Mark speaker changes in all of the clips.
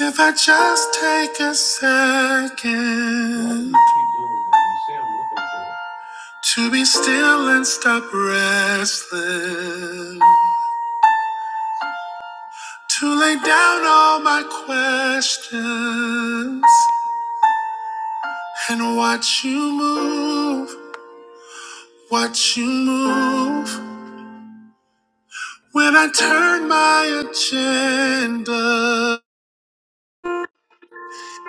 Speaker 1: If I just take a second to be still and stop wrestling, to lay down all my questions and watch you move, watch you move. When I turn my agenda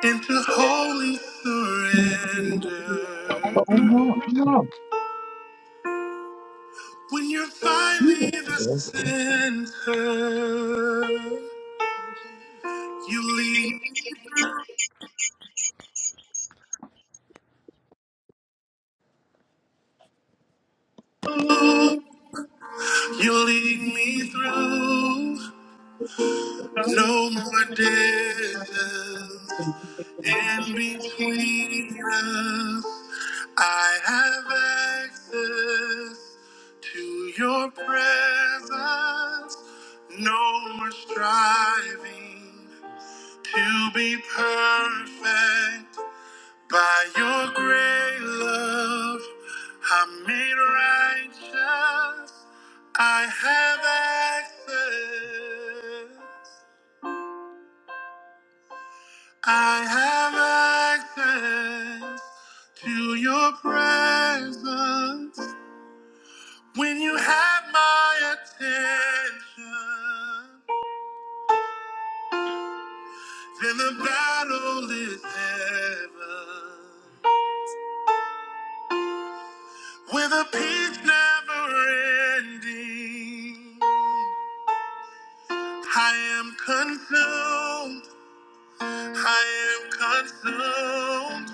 Speaker 1: into holy
Speaker 2: But I'm
Speaker 1: surrender,
Speaker 2: not. No.
Speaker 1: when you're finally
Speaker 2: You
Speaker 1: the
Speaker 2: know, okay.
Speaker 1: center, you lead, you lead me through no more distance in between us. I have access. To your presence, no more striving to be perfect. By your great love, I'm made righteous. I have access. I have access to your presence when you have my attention. Then the battle is heaven with a peace never ending. I am consumed, I am consumed.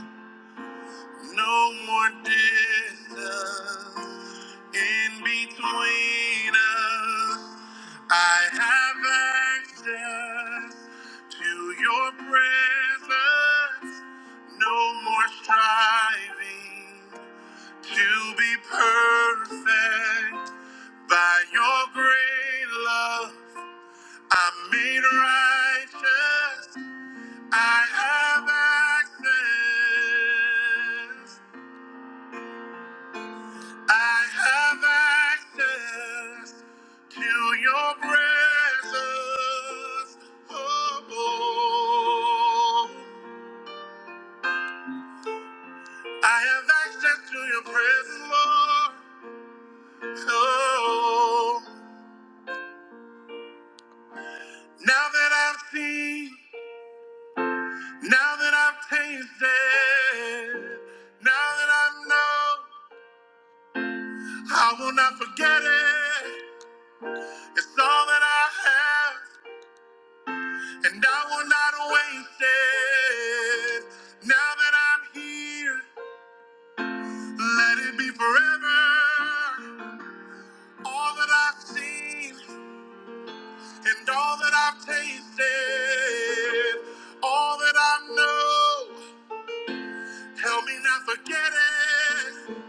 Speaker 1: No more distance in between us. I have access to your presence. No more striving. To be perfect by your great love, I'm made righteous. I have access. I have access to your presence. Oh, oh. I have access to your presence, Lord. Oh, now that I've seen. Now that I've tasted, now that I know, I will not forget it. It's all that I have, and I will not waste it. Now that I'm here, let it be forever. All that I've seen, and all that I've tasted, all that I know, help me not forget it.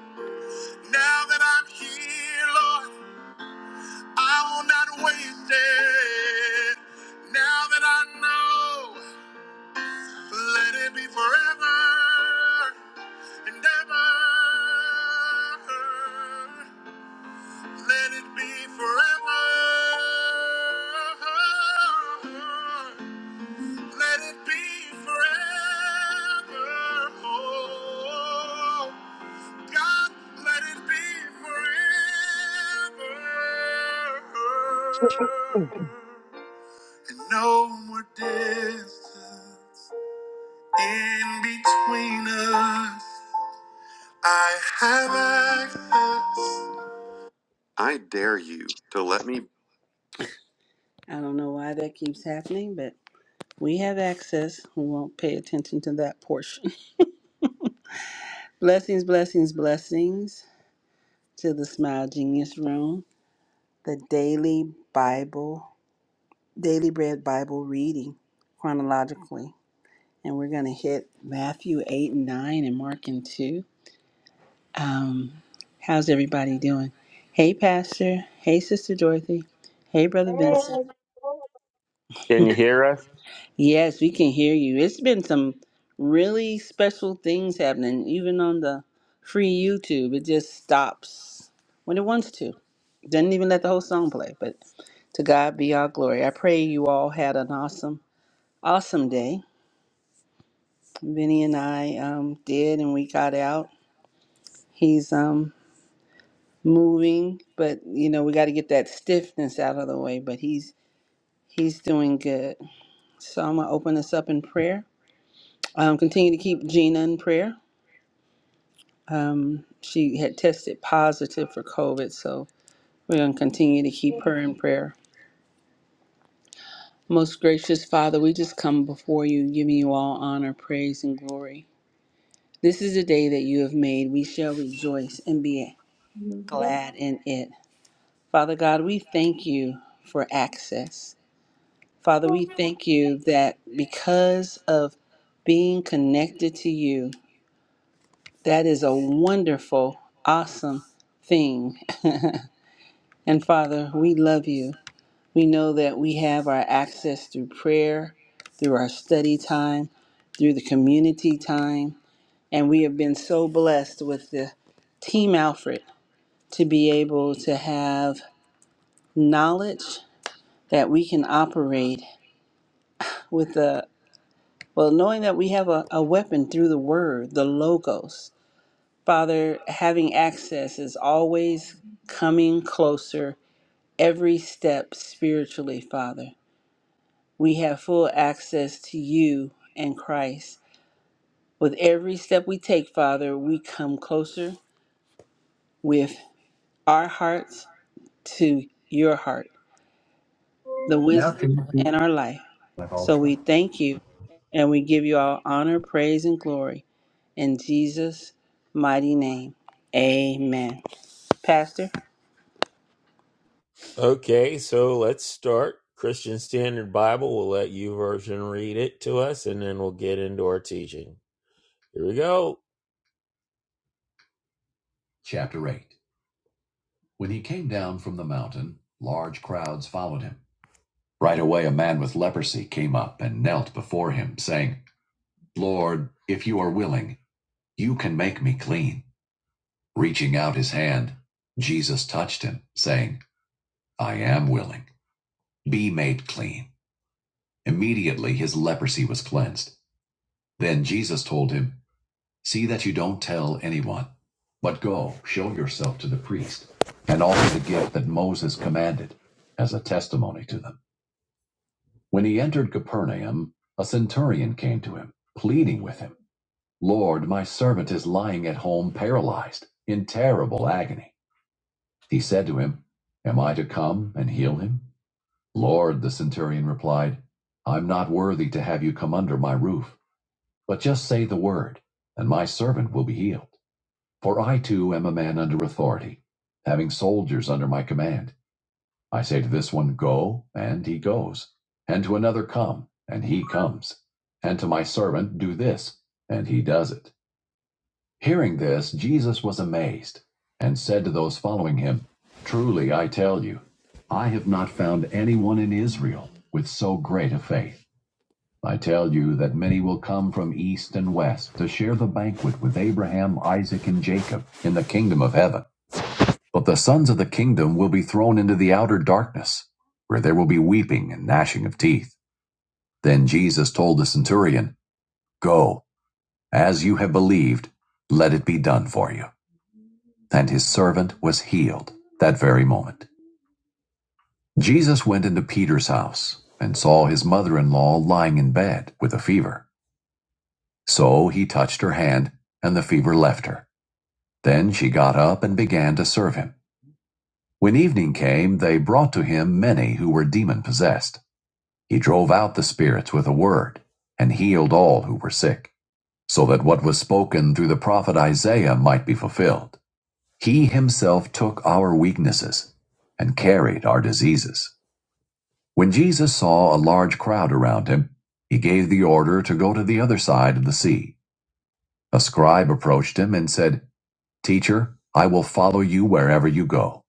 Speaker 1: Now that I'm here, Lord. I will not waste it. Now that I know, let it be forever and ever. Let it be forever. Let it be forever. Oh, God, let it be forever. and no more distance in between us. I have access. I dare you to let me. I don't know why that keeps happening, but we have access. We won't pay attention to that portion. blessings, blessings, blessings to the Smile Genius Room, the daily Bible, daily bread Bible reading chronologically. And we're going to hit Matthew 8 and 9 and Mark and 2. Um, how's everybody doing? Hey, Pastor. Hey, Sister Dorothy. Hey, Brother Vincent.
Speaker 3: Can you hear us?
Speaker 1: Yes, we can hear you. It's been some really special things happening, even on the free YouTube. It just stops when it wants to. Doesn't even let the whole song play. But to God be all glory. I pray you all had an awesome, awesome day. Vinny and I um, did, and we got out. He's um, moving, but you know, we got to get that stiffness out of the way, but he's he's doing good. So I'm going to open this up in prayer. Um continue to keep Gina in prayer. Um she had tested positive for COVID, so we're going to continue to keep her in prayer. Most gracious Father, we just come before you giving you all honor, praise and glory. This is the day that you have made. We shall rejoice and be glad in it. Father God, we thank you for access. Father, we thank you that because of being connected to you, that is a wonderful, awesome thing. and Father, we love you. We know that we have our access through prayer, through our study time, through the community time. And we have been so blessed with the Team Alfred to be able to have knowledge that we can operate with the. Well, knowing that we have a, a weapon through the word, the Logos, Father, having access is always coming closer every step spiritually, Father. We have full access to you and Christ. With every step we take, Father, we come closer with our hearts to your heart, the
Speaker 3: Now
Speaker 1: wisdom
Speaker 3: can you see
Speaker 1: and our life.
Speaker 3: my
Speaker 1: So
Speaker 3: Ultra?
Speaker 1: we thank you and we give you all honor, praise, and glory. In Jesus' mighty name, amen. Pastor,
Speaker 3: Okay, so let's start. Christian Standard Bible, we'll let you version read it to us, and then we'll get into our teaching. Here we go. Chapter 8 When he came down from the mountain, large crowds followed him. Right away, a man with leprosy came up and knelt before him, saying, Lord, if you are willing, you can make me clean. Reaching out his hand, Jesus touched him, saying, I am willing. Be made clean. Immediately his leprosy was cleansed. Then Jesus told him, See that you don't tell anyone, but go, show yourself to the priest, and offer the gift that Moses commanded as a testimony to them. When he entered Capernaum, a centurion came to him, pleading with him, Lord, my servant is lying at home paralyzed, in terrible agony. He said to him, Am I to come and heal him? Lord, the centurion replied, I'm not worthy to have you come under my roof. But just say the word, and my servant will be healed. For I too am a man under authority, having soldiers under my command. I say to this one, Go, and he goes, and to another, Come, and he comes, and to my servant, Do this, and he does it. Hearing this, Jesus was amazed, and said to those following him, Truly I tell you, I have not found anyone in Israel with so great a faith. I tell you that many will come from east and west to share the banquet with Abraham, Isaac, and Jacob in the kingdom of heaven. But the sons of the kingdom will be thrown into the outer darkness, where there will be weeping and gnashing of teeth. Then Jesus told the centurion, Go, as you have believed, let it be done for you. And his servant was healed that very moment. Jesus went into Peter's house and saw his mother in law lying in bed with a fever. So he touched her hand, and the fever left her. Then she got up and began to serve him. When evening came, they brought to him many who were demon possessed. He drove out the spirits with a word, and healed all who were sick, so that what was spoken through the prophet Isaiah might be fulfilled. He himself took our weaknesses and carried our diseases. When Jesus saw a large crowd around him, he gave the order to go to the other side of the sea. A scribe approached him and said, Teacher, I will follow you wherever you go.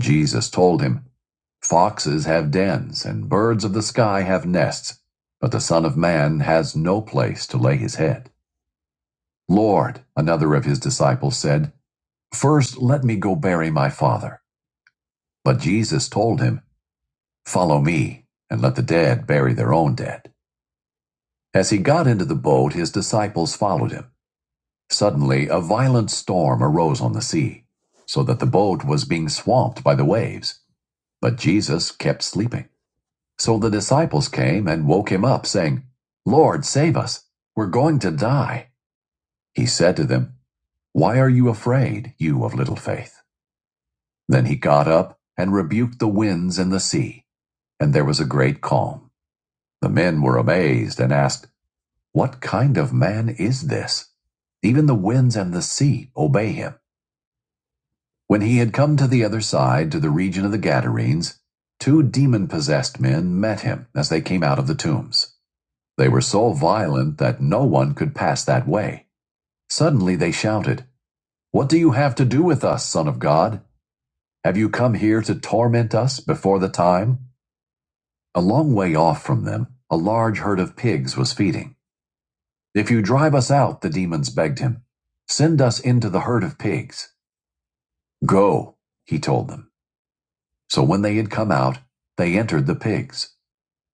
Speaker 3: Jesus told him, Foxes have dens, and birds of the sky have nests, but the Son of Man has no place to lay his head. Lord, another of his disciples said, First let me go bury my father. But Jesus told him, Follow me, and let the dead bury their own dead. As he got into the boat, his disciples followed him. Suddenly, a violent storm arose on the sea, so that the boat was being swamped by the waves. But Jesus kept sleeping. So the disciples came and woke him up, saying, Lord, save us. We're going to die. He said to them, Why are you afraid, you of little faith? Then he got up and rebuked the winds and the sea, and there was a great calm. The men were amazed and asked, What kind of man is this? Even the winds and the sea obey him. When he had come to the other side, to the region of the Gadarenes, two demon possessed men met him as they came out of the tombs. They were so violent that no one could pass that way. Suddenly they shouted, What do you have to do with us, Son of God? Have you come here to torment us before the time? A long way off from them, a large herd of pigs was feeding. If you drive us out, the demons begged him, send us into the herd of pigs. Go, he told them. So when they had come out, they entered the pigs,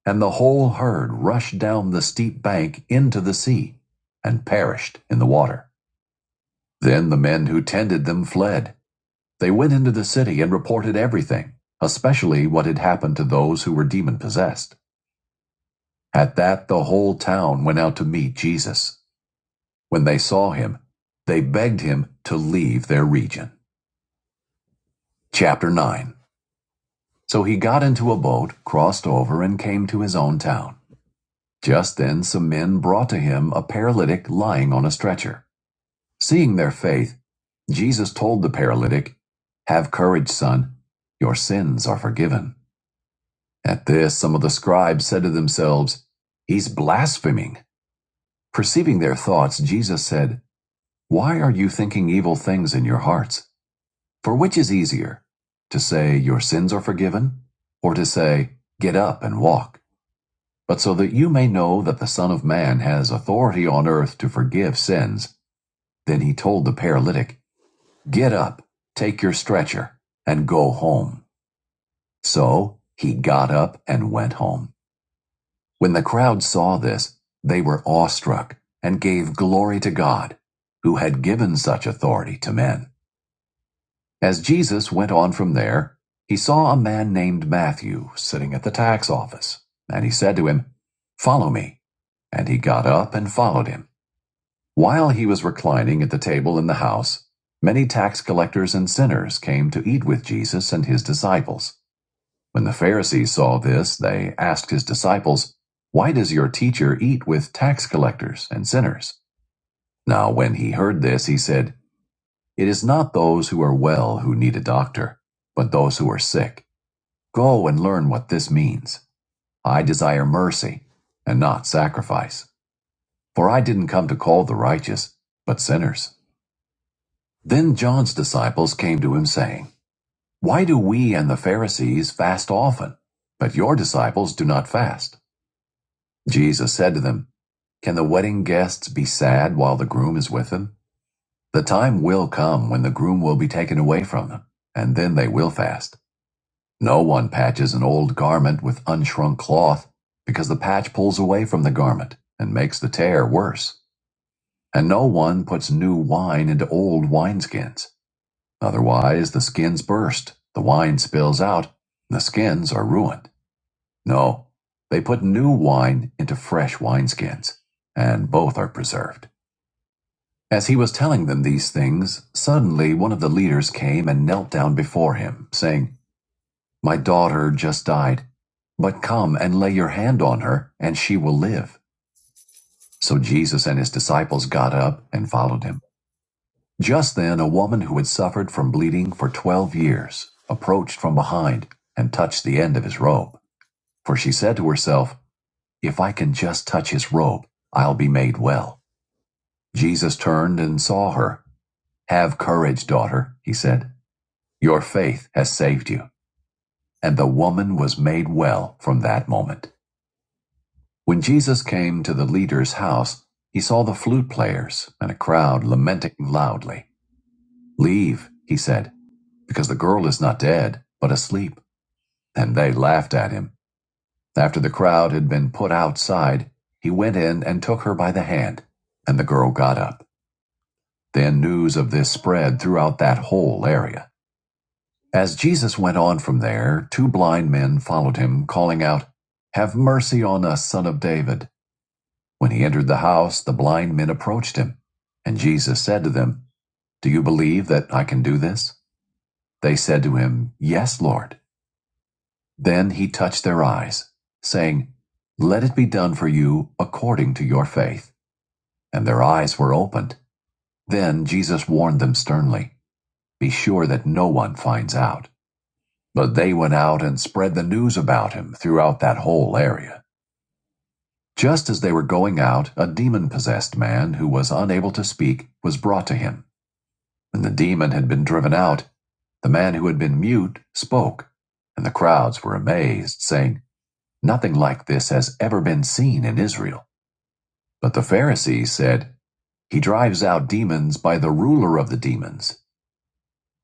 Speaker 3: and the whole herd rushed down the steep bank into the sea and perished in the water. Then the men who tended them fled. They went into the city and reported everything, especially what had happened to those who were demon possessed. At that, the whole town went out to meet Jesus. When they saw him, they begged him to leave their region. Chapter 9 So he got into a boat, crossed over, and came to his own town. Just then, some men brought to him a paralytic lying on a stretcher. Seeing their faith, Jesus told the paralytic, Have courage, son, your sins are forgiven. At this, some of the scribes said to themselves, He's blaspheming. Perceiving their thoughts, Jesus said, Why are you thinking evil things in your hearts? For which is easier, to say, Your sins are forgiven, or to say, Get up and walk? But so that you may know that the Son of Man has authority on earth to forgive sins, then he told the paralytic, Get up, take your stretcher, and go home. So he got up and went home. When the crowd saw this, they were awestruck and gave glory to God, who had given such authority to men. As Jesus went on from there, he saw a man named Matthew sitting at the tax office, and he said to him, Follow me. And he got up and followed him. While he was reclining at the table in the house, many tax collectors and sinners came to eat with Jesus and his disciples. When the Pharisees saw this, they asked his disciples, Why does your teacher eat with tax collectors and sinners? Now, when he heard this, he said, It is not those who are well who need a doctor, but those who are sick. Go and learn what this means. I desire mercy and not sacrifice, for I didn't come to call the righteous, but sinners. Then John's disciples came to him, saying, Why do we and the Pharisees fast often, but your disciples do not fast? Jesus said to them, Can the wedding guests be sad while the groom is with them? The time will come when the groom will be taken away from them, and then they will fast. No one patches an old garment with unshrunk cloth, because the patch pulls away from the garment and makes the tear worse. And no one puts new wine into old wineskins Otherwise, the skins burst, the wine spills out, and the skins are ruined. No, they put new wine into fresh wineskins, and both are preserved. As he was telling them these things, suddenly one of the leaders came and knelt down before him, saying, My daughter just died, but come and lay your hand on her, and she will live. So Jesus and his disciples got up and followed him. Just then, a woman who had suffered from bleeding for 12 years approached from behind and touched the end of his robe. For she said to herself, If I can just touch his robe, I'll be made well. Jesus turned and saw her. Have courage, daughter, he said. Your faith has saved you. And the woman was made well from that moment. When Jesus came to the leader's house, he saw the flute players and a crowd lamenting loudly. Leave, he said. because the girl is not dead, but asleep. And they laughed at him. After the crowd had been put outside, he went in and took her by the hand, and the girl got up. Then news of this spread throughout that whole area. As Jesus went on from there, two blind men followed him, calling out, Have mercy on us, son of David. When he entered the house, the blind men approached him, and Jesus said to them, Do you believe that I can do this? They said to him, Yes, Lord. Then he touched their eyes, saying, Let it be done for you according to your faith. And their eyes were opened. Then Jesus warned them sternly, Be sure that no one finds out. But they went out and spread the news about him throughout that whole area. Just as they were going out, a demon possessed man who was unable to speak was brought to him. When the demon had been driven out, the man who had been mute spoke, and the crowds were amazed, saying, Nothing like this has ever been seen in Israel. But the Pharisees said, He drives out demons by the ruler of the demons.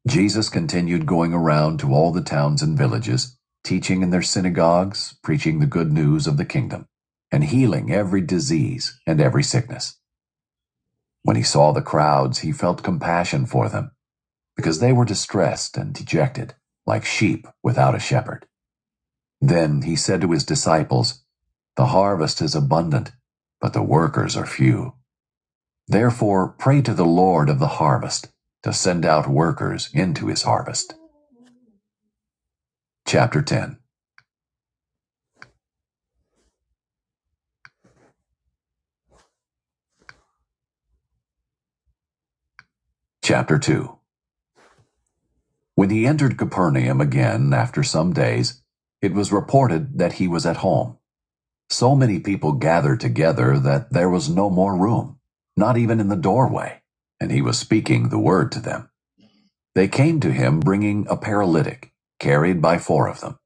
Speaker 3: Jesus continued going around to all the towns and villages, teaching in their synagogues, preaching the good news of the kingdom, and healing every disease and every sickness. When he saw the crowds, he felt compassion for them, because they were distressed and dejected, like sheep without a shepherd. Then he said to his disciples, The harvest is abundant, but the workers are few. Therefore, pray to the Lord of the harvest to send out workers into his harvest. Chapter 10. Chapter 2. When he entered Capernaum again after some days, it was reported that he was at home. So many people gathered together that there was no more room, not even in the doorway, and he was speaking the word to them. They came to him bringing a paralytic, carried by four of them.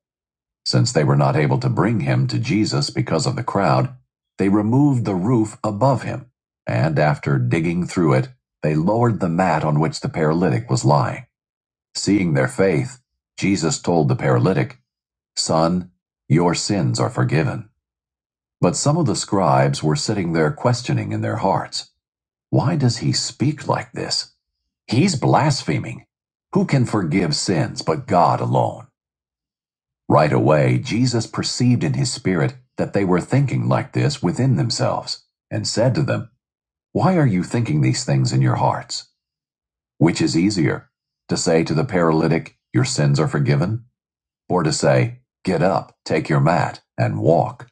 Speaker 3: Since they were not able to bring him to Jesus because of the crowd, they removed the roof above him, and after digging through it, they lowered the mat on which the paralytic was lying. Seeing their faith, Jesus told the paralytic, Son, your sins are forgiven. But some of the scribes were sitting there questioning in their hearts. Why does he speak like this? He's blaspheming. Who can forgive sins but God alone? Right away, Jesus perceived in his spirit that they were thinking like this within themselves, and said to them, Why are you thinking these things in your hearts? Which is easier, to say to the paralytic, Your sins are forgiven, or to say, Get up, take your mat, and walk?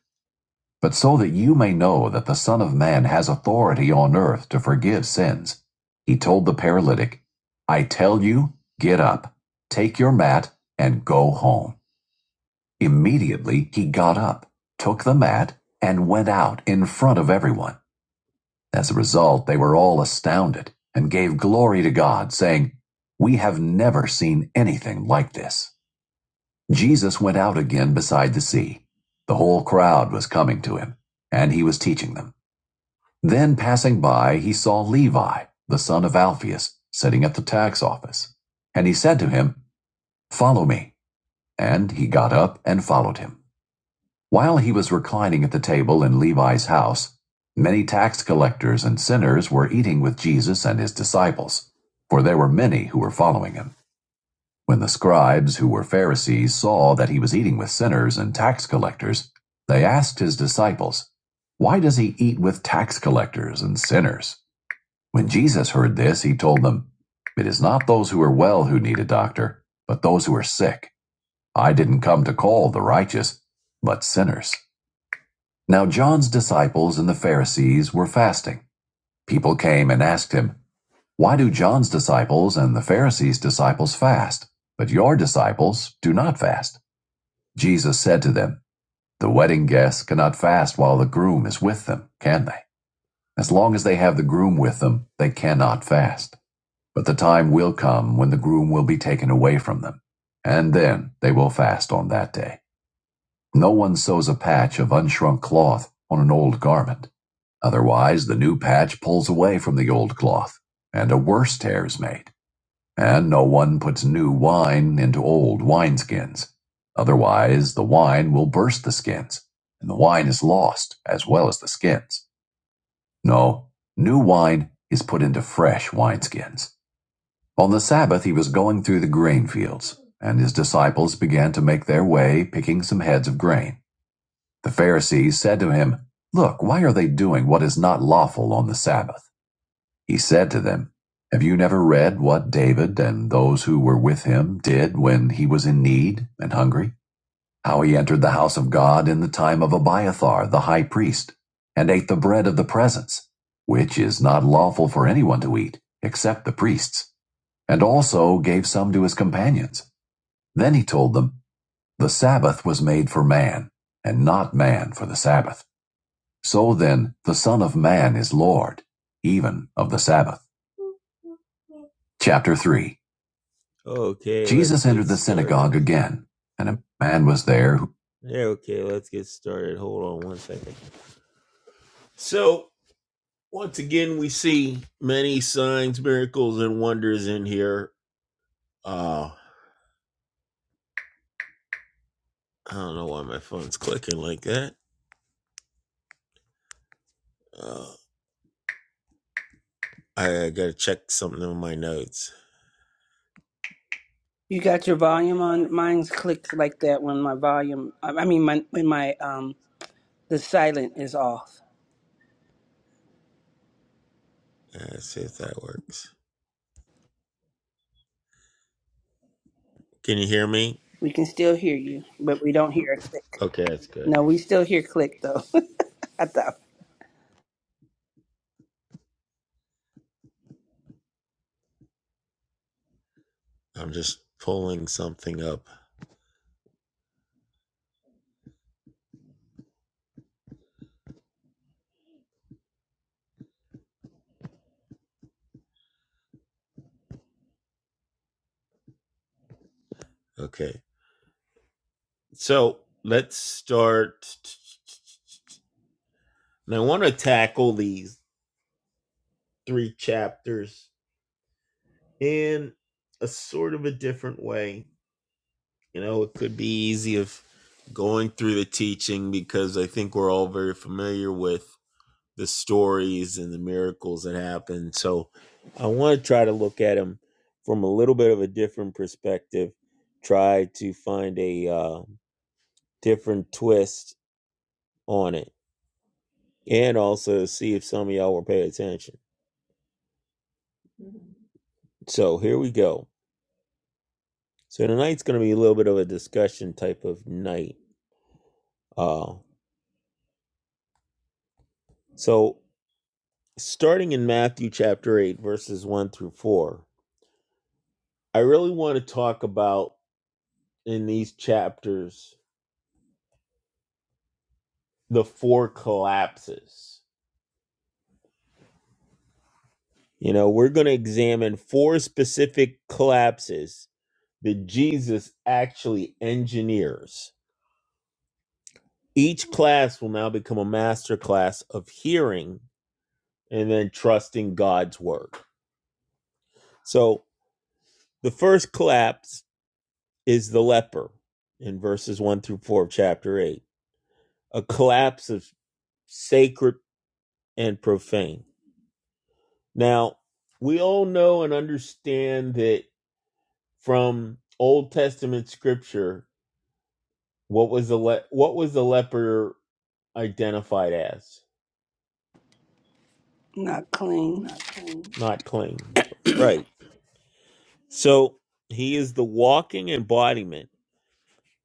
Speaker 3: but so that you may know that the Son of Man has authority on earth to forgive sins. He told the paralytic, I tell you, get up, take your mat, and go home. Immediately he got up, took the mat, and went out in front of everyone. As a result, they were all astounded and gave glory to God, saying, We have never seen anything like this. Jesus went out again beside the sea. The whole crowd was coming to him, and he was teaching them. Then, passing by, he saw Levi, the son of Alphaeus, sitting at the tax office. And he said to him, Follow me. And he got up and followed him. While he was reclining at the table in Levi's house, many tax collectors and sinners were eating with Jesus and his disciples, for there were many who were following him. When the scribes, who were Pharisees, saw that he was eating with sinners and tax collectors, they asked his disciples, Why does he eat with tax collectors and sinners? When Jesus heard this, he told them, It is not those who are well who need a doctor, but those who are sick. I didn't come to call the righteous, but sinners. Now John's disciples and the Pharisees were fasting. People came and asked him, Why do John's disciples and the Pharisees' disciples fast, but your disciples do not fast? Jesus said to them, The wedding guests cannot fast while the groom is with them, can they? As long as they have the groom with them, they cannot fast. But the time will come when the groom will be taken away from them, and then they will fast on that day. No one sews a patch of unshrunk cloth on an old garment. Otherwise, the new patch pulls away from the old cloth, and a worse tear is made. And no one puts new wine into old wineskins. Otherwise, the wine will burst the skins, and the wine is lost as well as the skins. No, new wine is put into fresh wineskins. On the Sabbath he was going through the grain fields, and his disciples began to make their way, picking some heads of grain. The Pharisees said to him, Look, why are they doing what is not lawful on the Sabbath? He said to them, Have you never read what David and those who were with him did when he was in need and hungry? How he entered the house of God in the time of Abiathar the high priest, and ate the bread of the presence, which is not lawful for anyone to eat, except the priests and also gave some to his companions. Then he told them, The Sabbath was made for man, and not man for the Sabbath. So then, the Son of Man is Lord, even of the Sabbath. Chapter 3 Okay, Jesus entered the synagogue again, and a man was there who Yeah, okay, let's get started. Hold on one second. So, once again, we see many signs, miracles, and wonders in here. Uh, I don't know why my phone's clicking like that. Uh, I gotta check something on my notes.
Speaker 1: you got your
Speaker 3: You got
Speaker 1: volume
Speaker 3: your volume
Speaker 1: on. Mine's
Speaker 3: on?
Speaker 1: clicked like that when my volume, I I mean, my, when my, um, the silent is off.
Speaker 3: Uh, see if that works. Can you hear me?
Speaker 1: We can still hear you, but we don't hear a click.
Speaker 3: Okay, that's good.
Speaker 1: No, we still hear click though. I thought
Speaker 3: I'm just pulling something up. Okay, so let's start. And I want to tackle these three chapters in a sort of a different way. You know, it could be easy of going through the teaching because I think we're all very familiar with the stories and the miracles that happen. So I want to try to look at them from a little bit of a different perspective, try to find a uh, different twist on it, and also see if some of y'all will pay attention. So here we go. So tonight's going to be a little bit of a discussion type of night. Uh, so starting in Matthew chapter 8, verses 1 through 4, I really want to talk about in these chapters the four collapses. You know, we're going to examine four specific collapses that Jesus actually engineers. Each class will now become a master class of hearing and then trusting God's word. So, the first collapse is the leper in verses 1 through 4 of chapter 8, a collapse of sacred and profane. Now, we all know and understand that from Old Testament scripture, what was the le- what was the leper identified as?
Speaker 1: not clean.
Speaker 3: Not clean. Not clean. Right. So he is the walking embodiment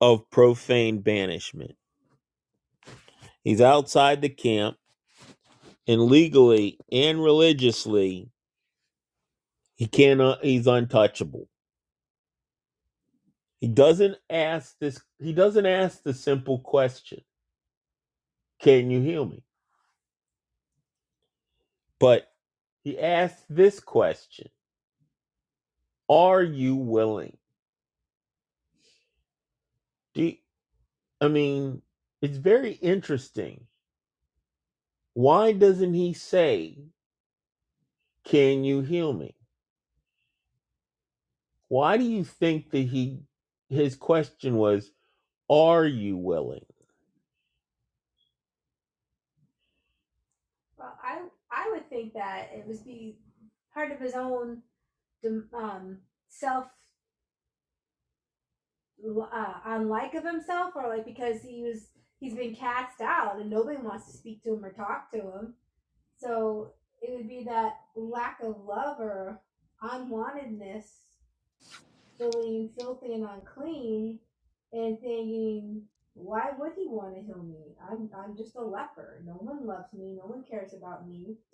Speaker 3: of profane banishment. He's outside the camp and legally and religiously he cannot he's untouchable. He doesn't ask this he doesn't ask the simple question, can you heal me? But he asks this question Are you willing? Do you, I mean, it's very interesting. Why doesn't he say, "Can you heal me?" Why do you think that he his question was, "Are you willing?"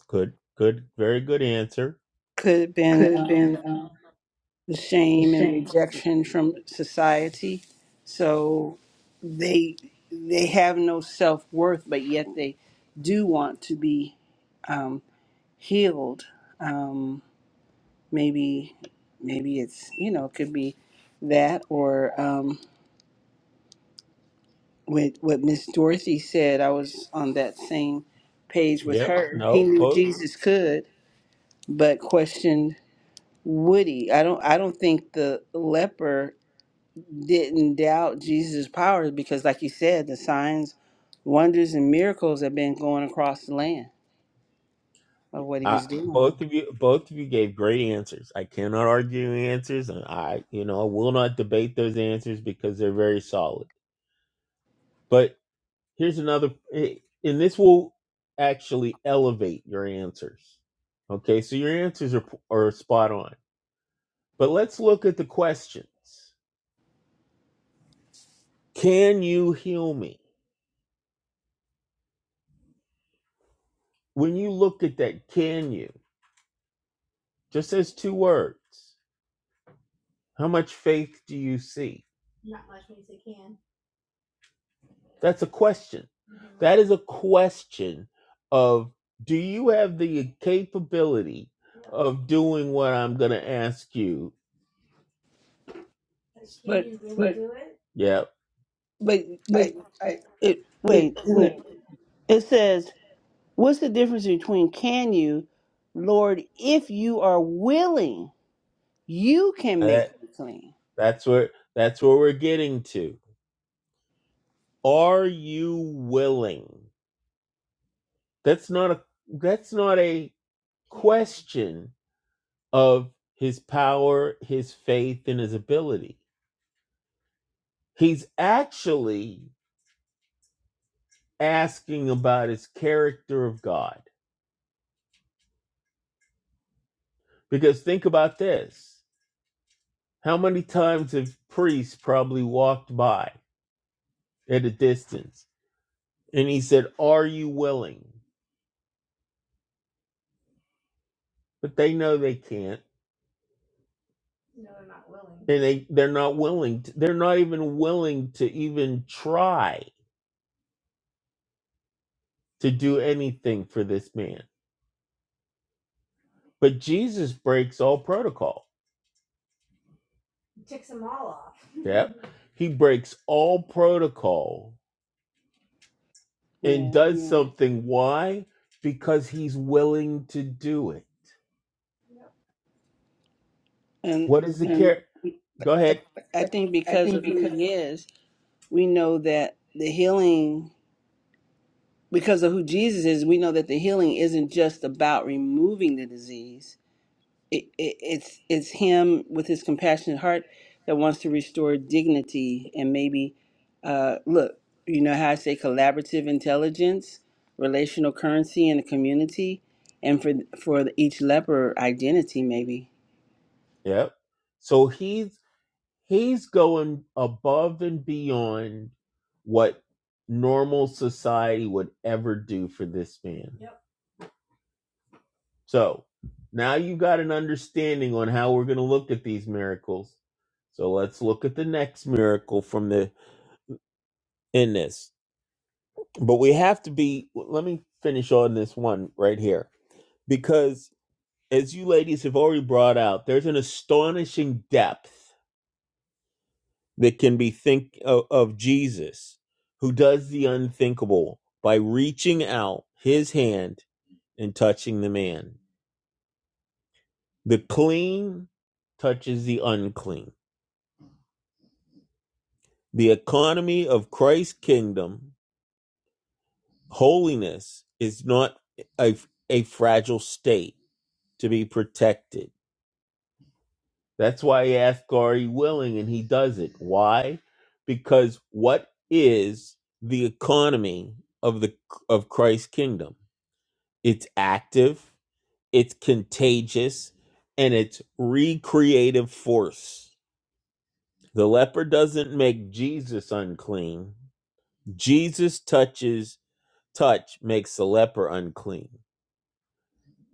Speaker 3: Good, good, very good answer.
Speaker 1: Could have been
Speaker 3: Could have
Speaker 1: uh,
Speaker 3: been uh,
Speaker 1: the
Speaker 3: the
Speaker 1: shame and
Speaker 3: same.
Speaker 1: rejection from society. So they they have no self worth, but yet they do want to be. um, healed. Um, maybe, maybe it's you know it could be that or um, with what Miss Dorothy said. I was on that same page with
Speaker 3: Yep.
Speaker 1: her. He
Speaker 3: No.
Speaker 1: knew
Speaker 3: Both.
Speaker 1: Jesus could, but questioned would he? I don't. I don't think the leper didn't doubt Jesus' powers because, like you said, the signs, wonders, and miracles have been going across the land of what he
Speaker 3: I,
Speaker 1: was doing.
Speaker 3: both of you, both of you gave great answers. I cannot argue answers, and I, you know, I will not debate those answers because they're very solid. But Here's another, eh, and this will actually elevate your answers. Okay, so your answers are, are spot on. But let's look at the questions. Can you heal me? When you look at that, can you? Just as two words. How much faith do you see? That's a question. That is a question of do you have the capability of doing what I'm going to ask you?
Speaker 1: But
Speaker 3: Yeah.
Speaker 1: but I,
Speaker 3: Wait, I
Speaker 1: it
Speaker 3: it
Speaker 1: wait. Isn't it?
Speaker 3: wait.
Speaker 1: It says What's the difference between can you, Lord, if you are willing, you can
Speaker 3: Uh,
Speaker 1: make me clean?
Speaker 3: That's where that's where we're getting to. Are you willing? That's not a that's not a question of his power, his faith, and his ability. He's actually asking about his character of God. Because think about this. How many times have priests probably walked by at a distance and he said, Are you willing? But they know they can't and they they're not willing to, they're not even willing to even try to do anything for this man but jesus breaks all protocol he breaks all protocol and
Speaker 1: Yeah.
Speaker 3: does Yeah. something why because he's willing to do it
Speaker 1: And
Speaker 3: what is the And care go ahead
Speaker 1: I
Speaker 3: I,
Speaker 1: think
Speaker 3: I
Speaker 1: because
Speaker 3: think
Speaker 1: of who
Speaker 3: because
Speaker 1: he is, we know that the healing, because of who Jesus is, we know that the healing isn't just about removing the disease, it, it, it's it's him with his compassionate heart that wants to restore dignity and maybe uh, look you know how i say collaborative intelligence relational currency in a community and for for each leper identity maybe
Speaker 3: yep so he's he's going above and beyond what normal society would ever do for this man So now you have got an understanding on how we're going to look at these miracles. So let's look at the next miracle from the in this. But we have to be let me finish on this one right here because as you ladies have already brought out, there's an astonishing depth that can be think of, of Jesus who does the unthinkable by reaching out his hand and touching the man. The clean touches the unclean The economy of Christ's kingdom, holiness, is not a, a fragile state to be protected. That's why he asked, Are you willing? And he does it. Why? Because what is the economy of the of Christ's kingdom? It's active, it's contagious, and it's recreative force. The leper doesn't make Jesus unclean. Jesus touches touch makes the leper unclean.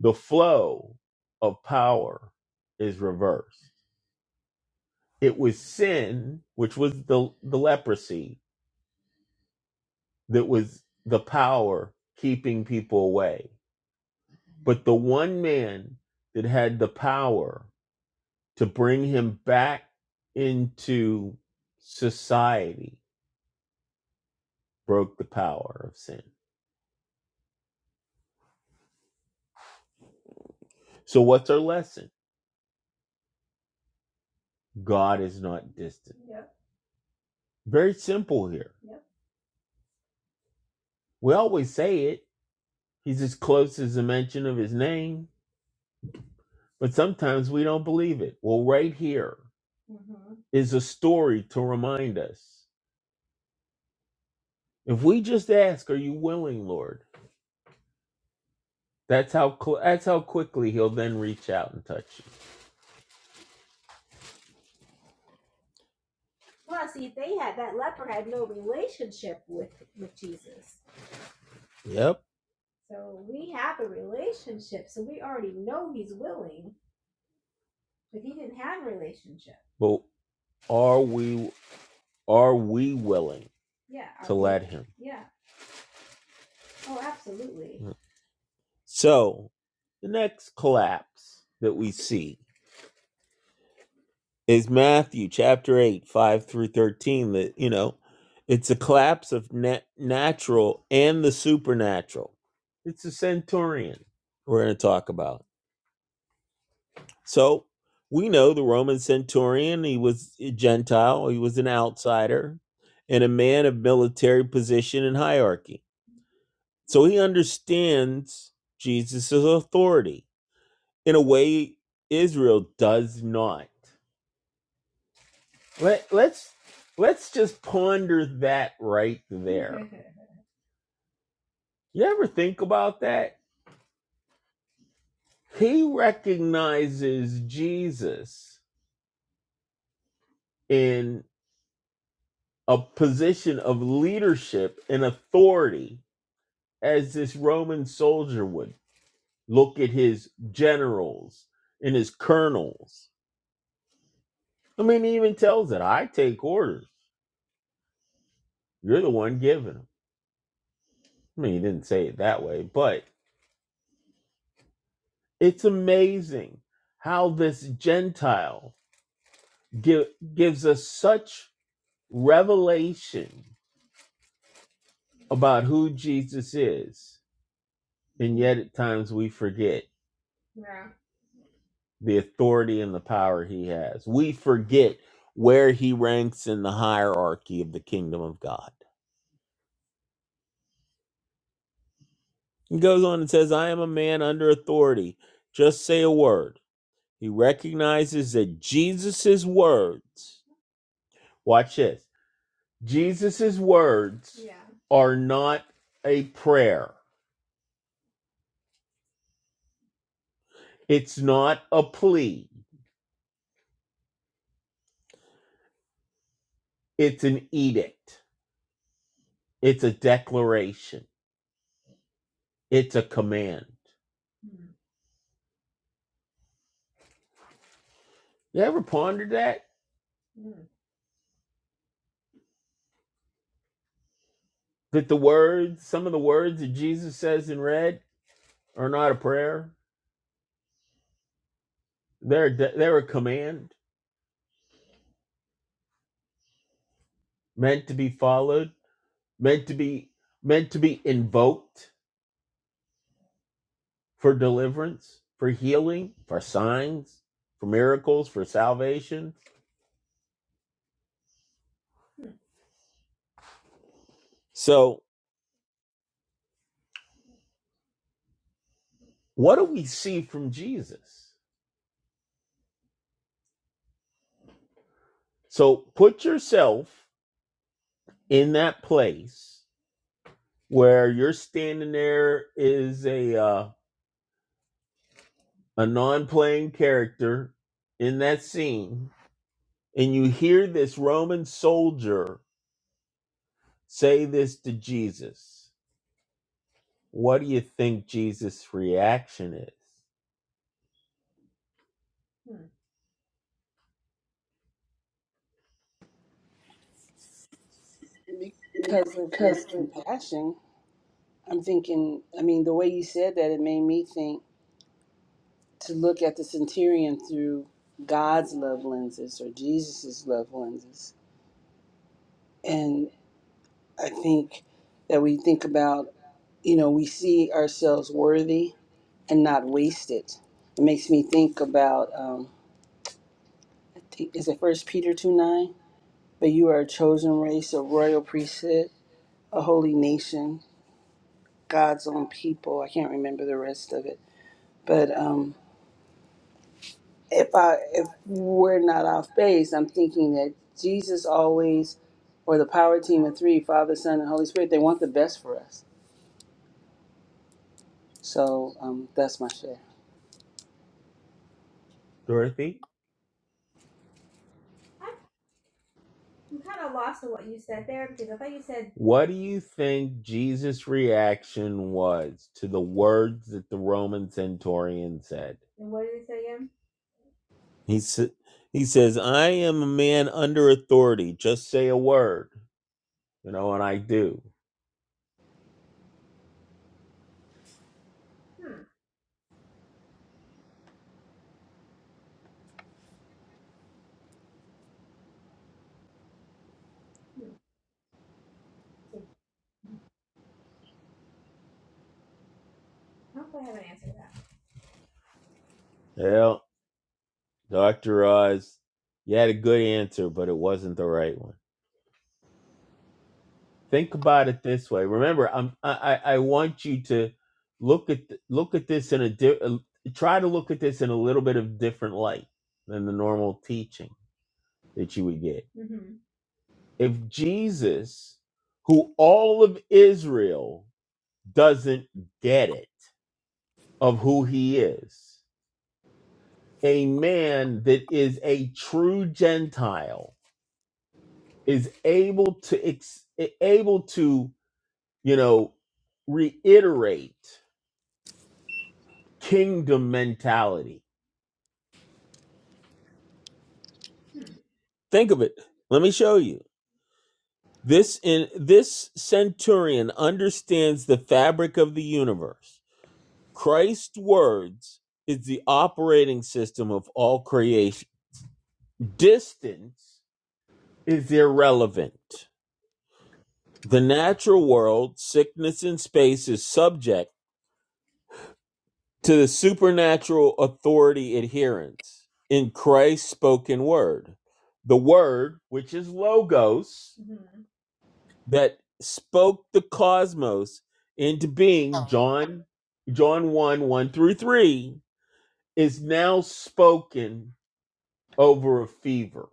Speaker 3: The flow of power is reversed. It was sin, which was the, the leprosy, that was the power keeping people away. But the one man that had the power to bring him back into society broke the power of sin. So, what's our lesson? God is not distant. Very simple here. We always say it He's as close as a mention of his name, but sometimes we don't believe it. Well, right here is a story to remind us. If we just ask, "Are you willing, Lord?" That's how cl- that's how quickly He'll then reach out and touch you. Yep. But are we are we willing to Him? So the next collapse that we see is Matthew chapter 8, 5 through 13. That, you know, it's a collapse of nat natural and the supernatural. It's a centurion we're going to talk about. So we know the Roman centurion, he was a Gentile, he was an outsider, and a man of military position and hierarchy. So he understands Jesus' authority in a way Israel does not. Let let's let's just ponder that right there. You ever think about that? He recognizes Jesus in a position of leadership and authority as this Roman soldier would. Look at his generals and his colonels. I mean, he even tells it, I take orders. You're the one giving them. I mean, he didn't say it that way, but it's amazing how this Gentile give, gives us such revelation about who Jesus is, and yet at times we forget the authority and the power he has. We forget where he ranks in the hierarchy of the kingdom of God. He goes on and says, I am a man under authority. Just say a word. He recognizes that Jesus's words, watch this, Jesus's words are not a prayer, it's not a plea. It's an edict. It's a declaration. It's a command. You ever pondered that? That the words, some of the words that Jesus says in red are not a prayer. They're they're a command meant to be followed, meant to be meant to be invoked for deliverance, for healing, for signs, for miracles, for salvation. So, what do we see from Jesus? So, put yourself in that place where you're standing there is a uh, a non-playing character in that scene and you hear this roman soldier say this to jesus what do you think jesus reaction is
Speaker 1: because of
Speaker 3: Because
Speaker 1: his compassion i'm thinking i mean the way you said that it made me think to look at the centurion through god's love lenses or jesus's love lenses I think that we think about, you know, we see ourselves worthy and not wasted. It makes me think about, um, I think, is it First Peter two nine? But you are a chosen race, a royal priesthood, a holy nation, God's own people. I can't remember the rest of it, but um, if I if we're not off base, I'm thinking that Jesus always, or the power team of three, Father, Son, and Holy Spirit, they want the best for us. So um, that's my share.
Speaker 3: dorothy what do you think jesus reaction was to the words that the roman centurion said he, sa- he says i am a man under authority just say a word you know, and I do. Well, Dr. Oz, you had a good answer, but it wasn't the right one. Think about it this way. Remember, I'm, I, I I want you to look at th- look at this in a di- uh, try to look at this in a little bit of different light than the normal teaching that you would get. If Jesus, who all of Israel doesn't get it of who he is, a man that is a true Gentile is able to ex- able to you know reiterate kingdom mentality think of it let me show you this in this centurion understands the fabric of the universe christ's words is the operating system of all creation distance is irrelevant the natural world sickness and space is subject to the supernatural authority adherence in Christ's spoken word. The word, which is logos, that spoke the cosmos into being, John, John 1, 1 through 3, is now spoken over a fever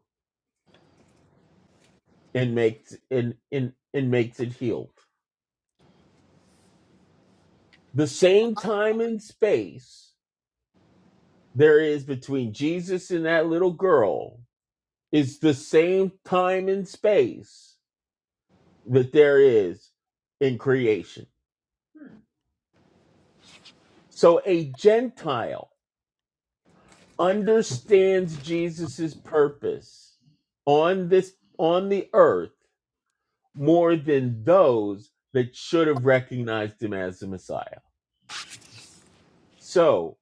Speaker 3: and makes and, and, and makes it heal. The same time and space there is between Jesus and that little girl is the same time and space that there is in creation. So a Gentile understands Jesus's purpose on this on the earth more than those that should have recognized him as the Messiah. So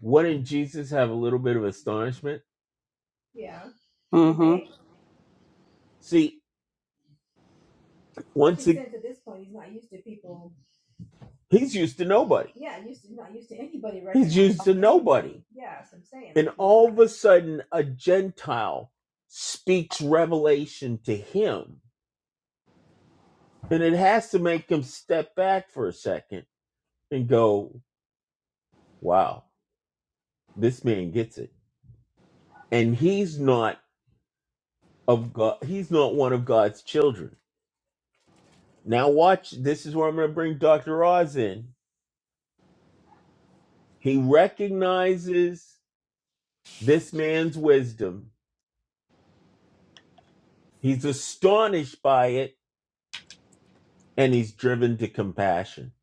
Speaker 3: wouldn't Jesus have a little bit of astonishment? See, one he's used to nobody. All of a sudden a Gentile speaks revelation to him. And it has to make him step back for a second and go, wow, this man gets it. And he's not of God, he's not one of God's children. Now, watch, this is where I'm going to bring Dr. Oz in. He recognizes this man's wisdom, he's astonished by it, and he's driven to compassion.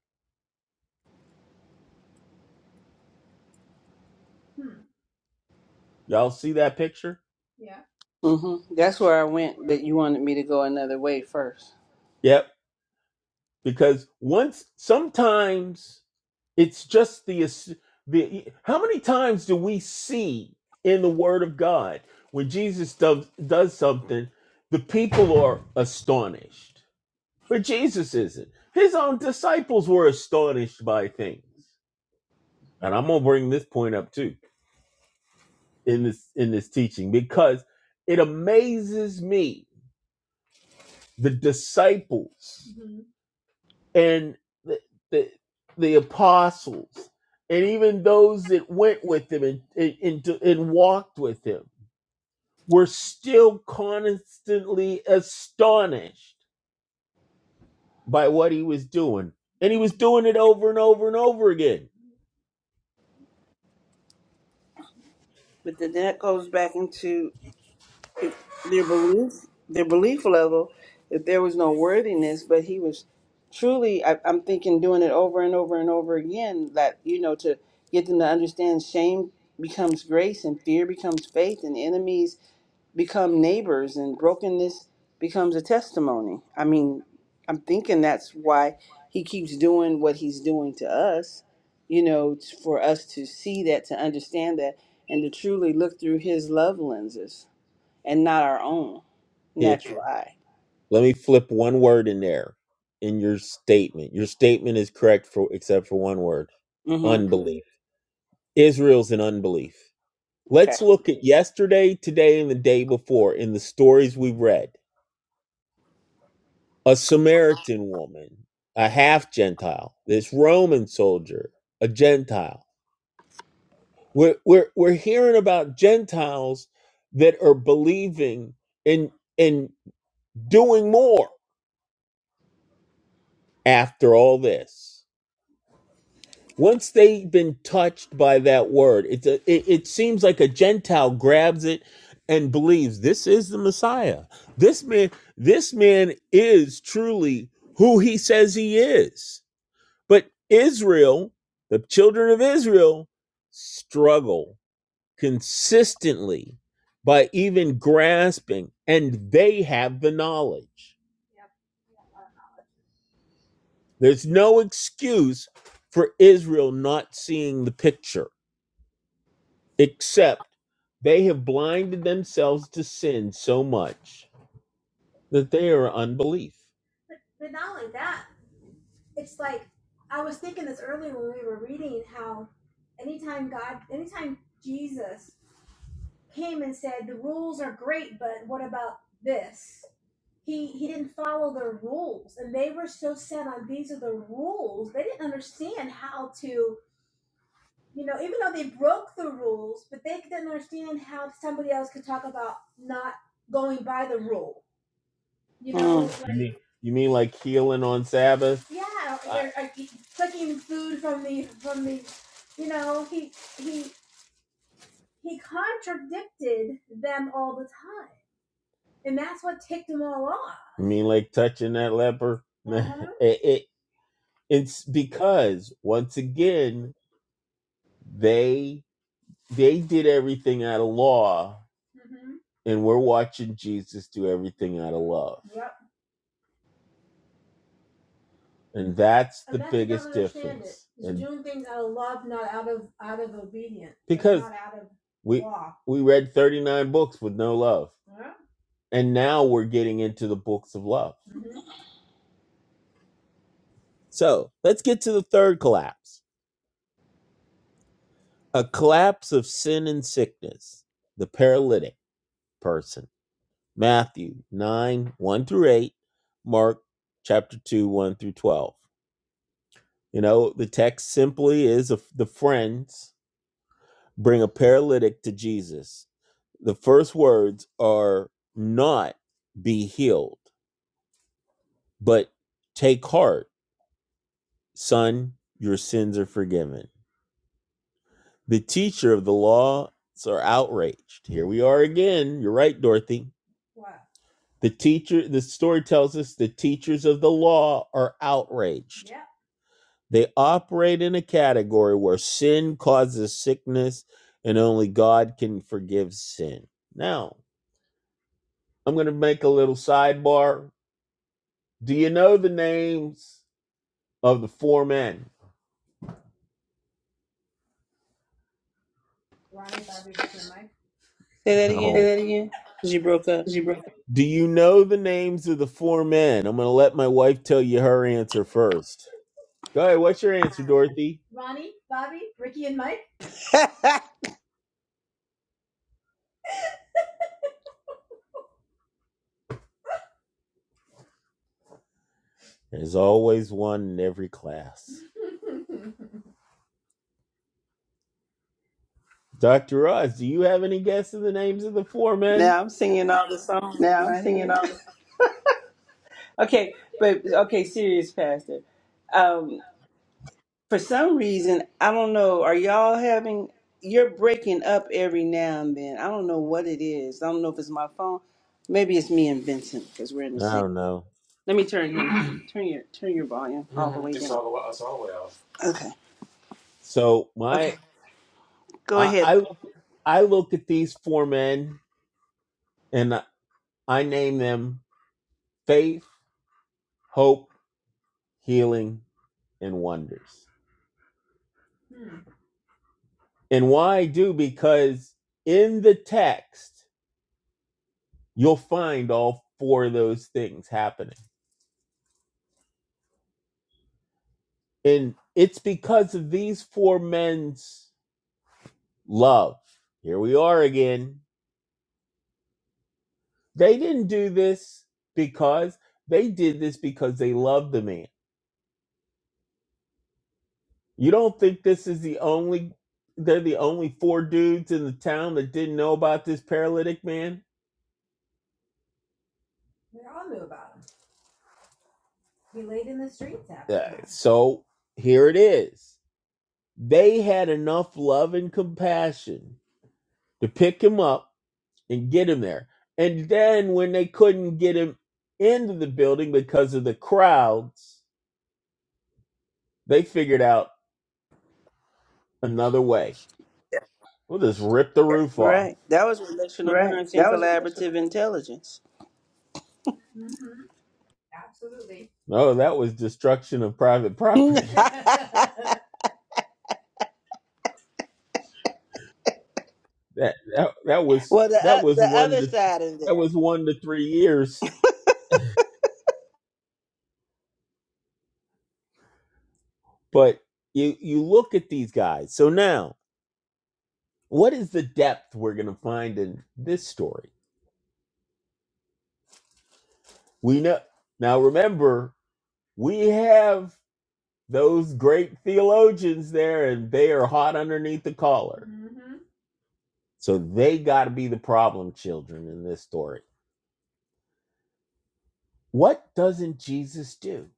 Speaker 3: Y'all see that picture?
Speaker 1: hmm That's where I went, but you wanted me to go another way first.
Speaker 3: Yep because once sometimes it's just the the how many times do we see in the word of god when jesus does, does something the people are astonished but jesus isn't his own disciples were astonished by things and i'm gonna bring this point up too in this in this teaching because it amazes me the disciples and the, the, the apostles and even those that went with him and, and, and, walked with him were still constantly astonished by what he was doing. And he was doing it over and over and over again.
Speaker 1: But then that goes back into if their belief, their belief level. If there was no worthiness, but he was truly, I, I'm thinking, doing it over and over and over again. That you know, to get them to understand, shame becomes grace, and fear becomes faith, and enemies. become neighbors and brokenness becomes a testimony. I mean, I'm thinking that's why he keeps doing what he's doing to us, you know, t- for us to see that, to understand that, and to truly look through his love lenses and not our own
Speaker 3: Here,
Speaker 1: natural eye.
Speaker 3: let me flip one word in there in your statement. Your statement is correct for except for one word
Speaker 1: Mm-hmm.
Speaker 3: unbelief. Israel's in unbelief.
Speaker 1: Okay.
Speaker 3: Let's look at yesterday, today, and the day before in the stories we've read a Samaritan woman, a half Gentile, this Roman soldier, a Gentile. We're, we're, we're hearing about Gentiles that are believing and, and doing more after all this. Once they've been touched by that word, it's a, it, it seems like a Gentile grabs it and believes this is the Messiah. This man, this man is truly who he says he is But Israel, the children of Israel, struggle consistently by even grasping, and they have the knowledge. There's no excuse for Israel not seeing the picture, except they have blinded themselves to sin so much that they are unbelief.
Speaker 1: Hmm.
Speaker 3: You mean like healing on Sabbath? You mean like touching that leper? It, it, it's because, once again, They they did everything out of law, and we're watching Jesus do everything out of love. And that's we, we read 39 books with no love. And now we're getting into the books of love. So let's get to the third collapse. A collapse of sin and sickness. The paralytic person. Matthew 9, 1 through 8, Mark chapter 2, 1 through 12. You know, the text simply is of the friends bring a paralytic to Jesus The first words are not be healed, but take heart, son, your sins are forgiven. The teacher of the laws are outraged. Here we are again. You're right, Dorothy. The teacher, the story tells us the teachers of the law are outraged. They operate in a category where sin causes sickness and only God can forgive sin. Now, I'm going to make a little sidebar. Do you know the names of the four men.
Speaker 1: Say that
Speaker 3: No. Say
Speaker 1: again.
Speaker 3: that again.
Speaker 1: 'Cause you broke up.
Speaker 3: 'Cause you broke. it. Do you know the names of the four men? I'm going to let my wife tell you her answer first. Go ahead. What's your answer, Dorothy? There's always one in every class. Dr. Oz, do you have any guess of the names of the four men?
Speaker 1: now I'm singing all the songs
Speaker 3: No,
Speaker 1: in
Speaker 3: I'm
Speaker 1: my
Speaker 3: singing
Speaker 1: head.
Speaker 3: all the.
Speaker 1: Okay, but okay, serious pastor. Um, For some reason, I don't know. Are y'all having? You're breaking up every now and then. I don't know what it is. I don't know if it's my phone. Maybe it's me and Vincent because we're in the
Speaker 3: I
Speaker 1: same.
Speaker 3: don't know.
Speaker 1: Let me turn him. turn your turn your volume all the hmm way It's down. all the way. It's all the way off. Okay.
Speaker 3: So
Speaker 1: Okay.
Speaker 3: my,
Speaker 1: Go
Speaker 3: I,
Speaker 1: ahead.
Speaker 3: I, look, I look at these four men and I I name them faith, hope, healing, and wonders. And why I do because in the text you'll find all four of those things happening. And it's because of these four men's love. Here we are again. They didn't do this because they did this because they loved the man. You don't think this is the only they're the only four dudes in the town that didn't know about this paralytic man? So here it is. They had enough love and compassion to pick him up and get him there. And then when they couldn't get him into the building because of the crowds, they figured out another way. We'll just rip the roof off.
Speaker 1: Right. That was relational
Speaker 3: Right.
Speaker 1: currency and
Speaker 3: That was what that's
Speaker 1: collaborative
Speaker 3: what-
Speaker 1: intelligence.
Speaker 3: No, that was destruction of private property.
Speaker 1: well,
Speaker 3: That that, that was
Speaker 1: the
Speaker 3: that
Speaker 1: o-
Speaker 3: was
Speaker 1: the
Speaker 3: one
Speaker 1: other
Speaker 3: to
Speaker 1: side of
Speaker 3: that
Speaker 1: that.
Speaker 3: was one to three years. But you you look at these guys. So now, what is the depth we're going to find in this story? We know now. Remember, we have. those great theologians there and they are hot underneath the collar. So they got to be the problem children in this story. What doesn't Jesus do?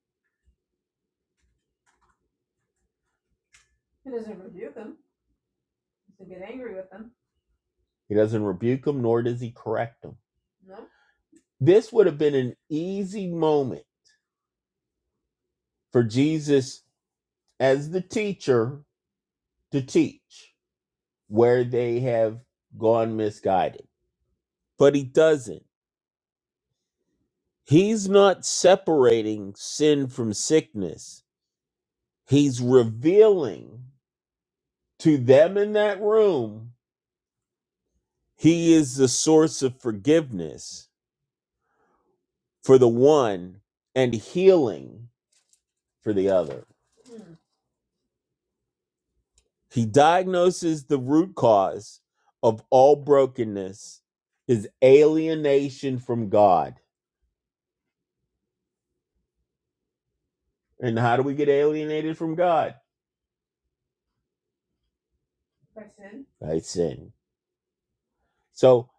Speaker 3: He doesn't rebuke them, nor does he correct them. This would have been an easy moment for Jesus as the teacher to teach where they have gone misguided. But he doesn't. He's not separating sin from sickness, he's revealing. To them in that room, he is the source of forgiveness for the one and healing for the other. He diagnoses the root cause of all brokenness is alienation from God. And how do we get alienated from God? By sin. So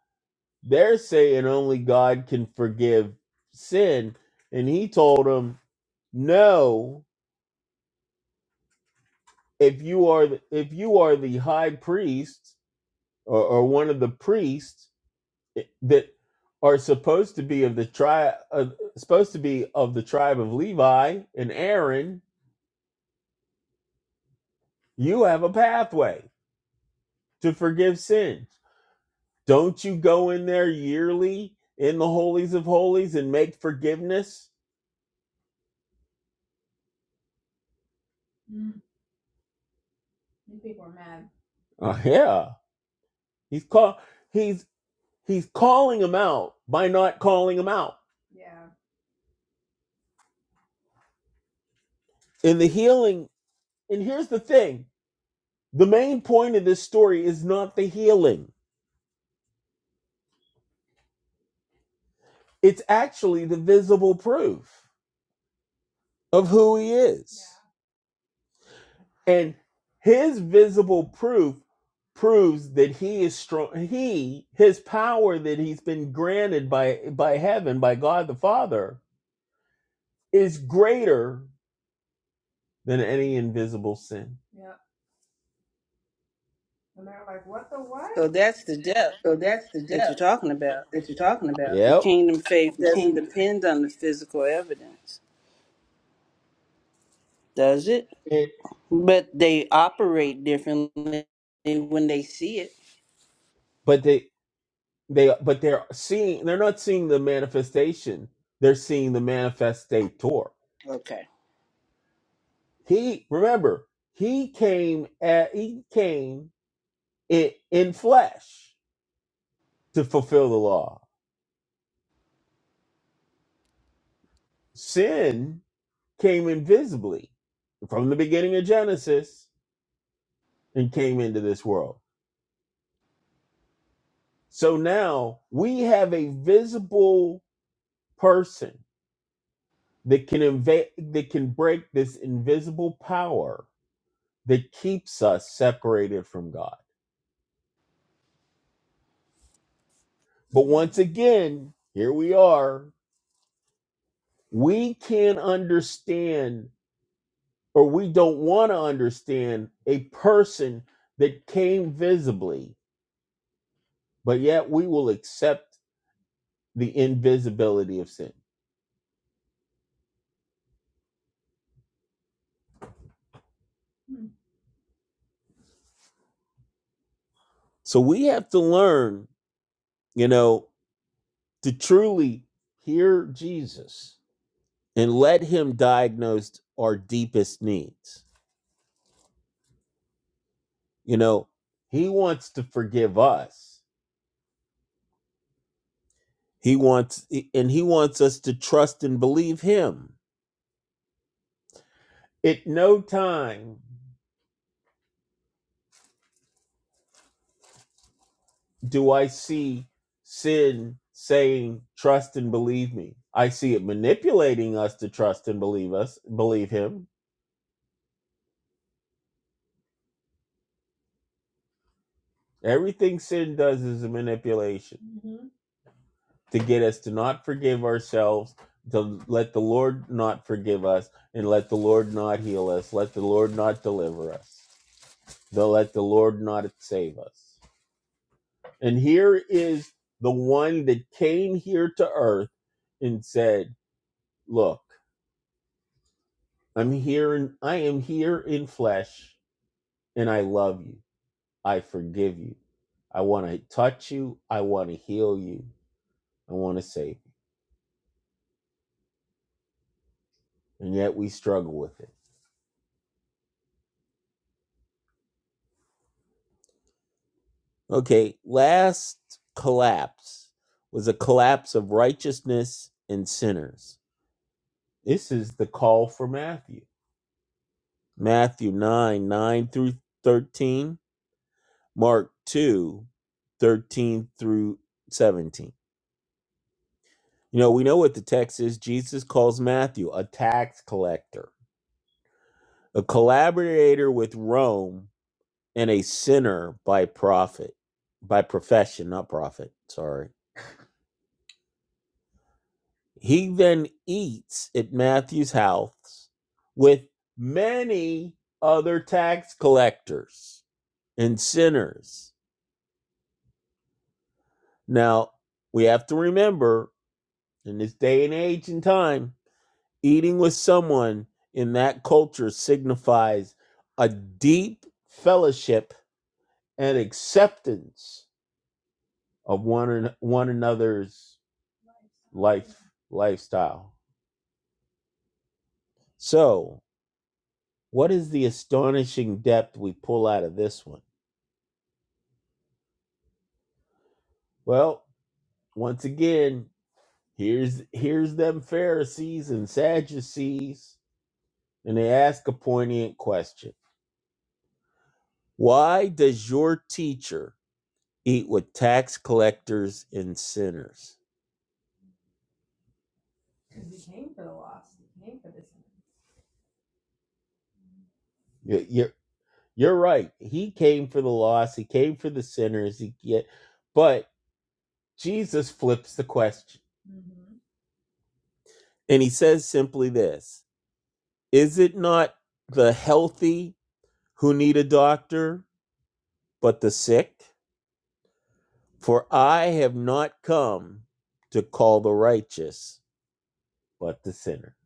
Speaker 3: they're saying only God can forgive sin. And he told them, No, if you are the, if you are the high priest or, or one of the priests eh, that are supposed to be of the tribe of supposed to be of the tribe of Levi and Aaron, you have a pathway to forgive sins. Don't you go in there yearly in the holies of holies and make forgiveness? Oh yeah. He's call he's he's calling him out by not calling him out. In the healing, and here's the thing, the main point of this story is not the healing It's actually the visible proof. of who he is. And his visible proof proves that he is strong he his power that he's been granted by by heaven by God the Father is greater than any invisible sin.
Speaker 1: So that's the depth
Speaker 3: So that's the
Speaker 1: that you're
Speaker 3: depth
Speaker 1: talking about.
Speaker 3: that you're talking about.
Speaker 1: The
Speaker 3: Yep.
Speaker 1: kingdom faith
Speaker 3: The
Speaker 1: doesn't
Speaker 3: kingdom.
Speaker 1: depend on the physical evidence, does it?
Speaker 3: And-
Speaker 1: But they operate differently when they see it.
Speaker 3: but they they but they're seeing they're not seeing the manifestation. They're seeing the manifestator.
Speaker 1: Okay.
Speaker 3: He remember he came at he came in, in flesh to fulfill the law. Sin came invisibly from the beginning of Genesis and came into this world. So now we have a visible person that can invade that can break this invisible power that keeps us separated from God. But once again, here we are. We can understand or we don't want to understand a person that came visibly, but yet we will accept the invisibility of sin. So we have to learn, you know, to truly hear Jesus and let him diagnose our deepest needs. You know, he wants to forgive us. He wants and he wants us to trust and believe him. At no time do I see sin saying trust and believe me? I see it manipulating us to trust and believe us, believe him. Everything sin does is a manipulation to get us to not forgive ourselves, to let the Lord not forgive us, and let the Lord not heal us, let the Lord not deliver us, to let the Lord not save us. And here is the one that came here to earth and said, Look. I'm here in I am here in flesh and I love you. I forgive you. I want to touch you. I want to heal you. I want to save you. And yet we struggle with it. Okay, last collapse was a collapse of righteousness and sinners. This is the call for Matthew. Matthew 9, 9 through 13, Mark 2, 13 through 17. You know, we know what the text is. Jesus calls Matthew a tax collector, a collaborator with Rome, and a sinner by profit, by profession, not profit. Sorry. He then eats at Matthew's house with many other tax collectors and sinners. Now, we have to remember in this day and age and time, Eating with someone in that culture signifies a deep fellowship and acceptance of one an- one another's life lifestyle. So, what is the astonishing depth we pull out of this one? Well, once again, here's here's them Pharisees and Sadducees, and they ask a poignant question: Why does your teacher eat with tax collectors and sinners? Y- You're you're right. He came for the lost. He came for the sinners. He get, but Jesus flips the question, and he says simply this: Is it not the healthy who need a doctor, but the sick? For I have not come to call the righteous, but the sinner.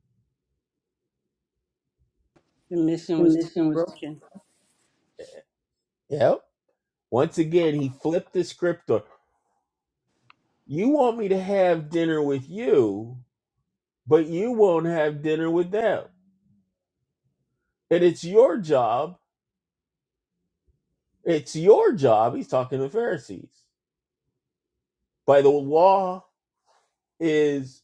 Speaker 1: The mission
Speaker 3: The
Speaker 1: was too
Speaker 3: mission was
Speaker 1: broken.
Speaker 3: Yep. Once again, he flipped the script on. You want me to have dinner with you, but you won't have dinner with them. And it's your job, it's your job, he's talking to the Pharisees. By the law is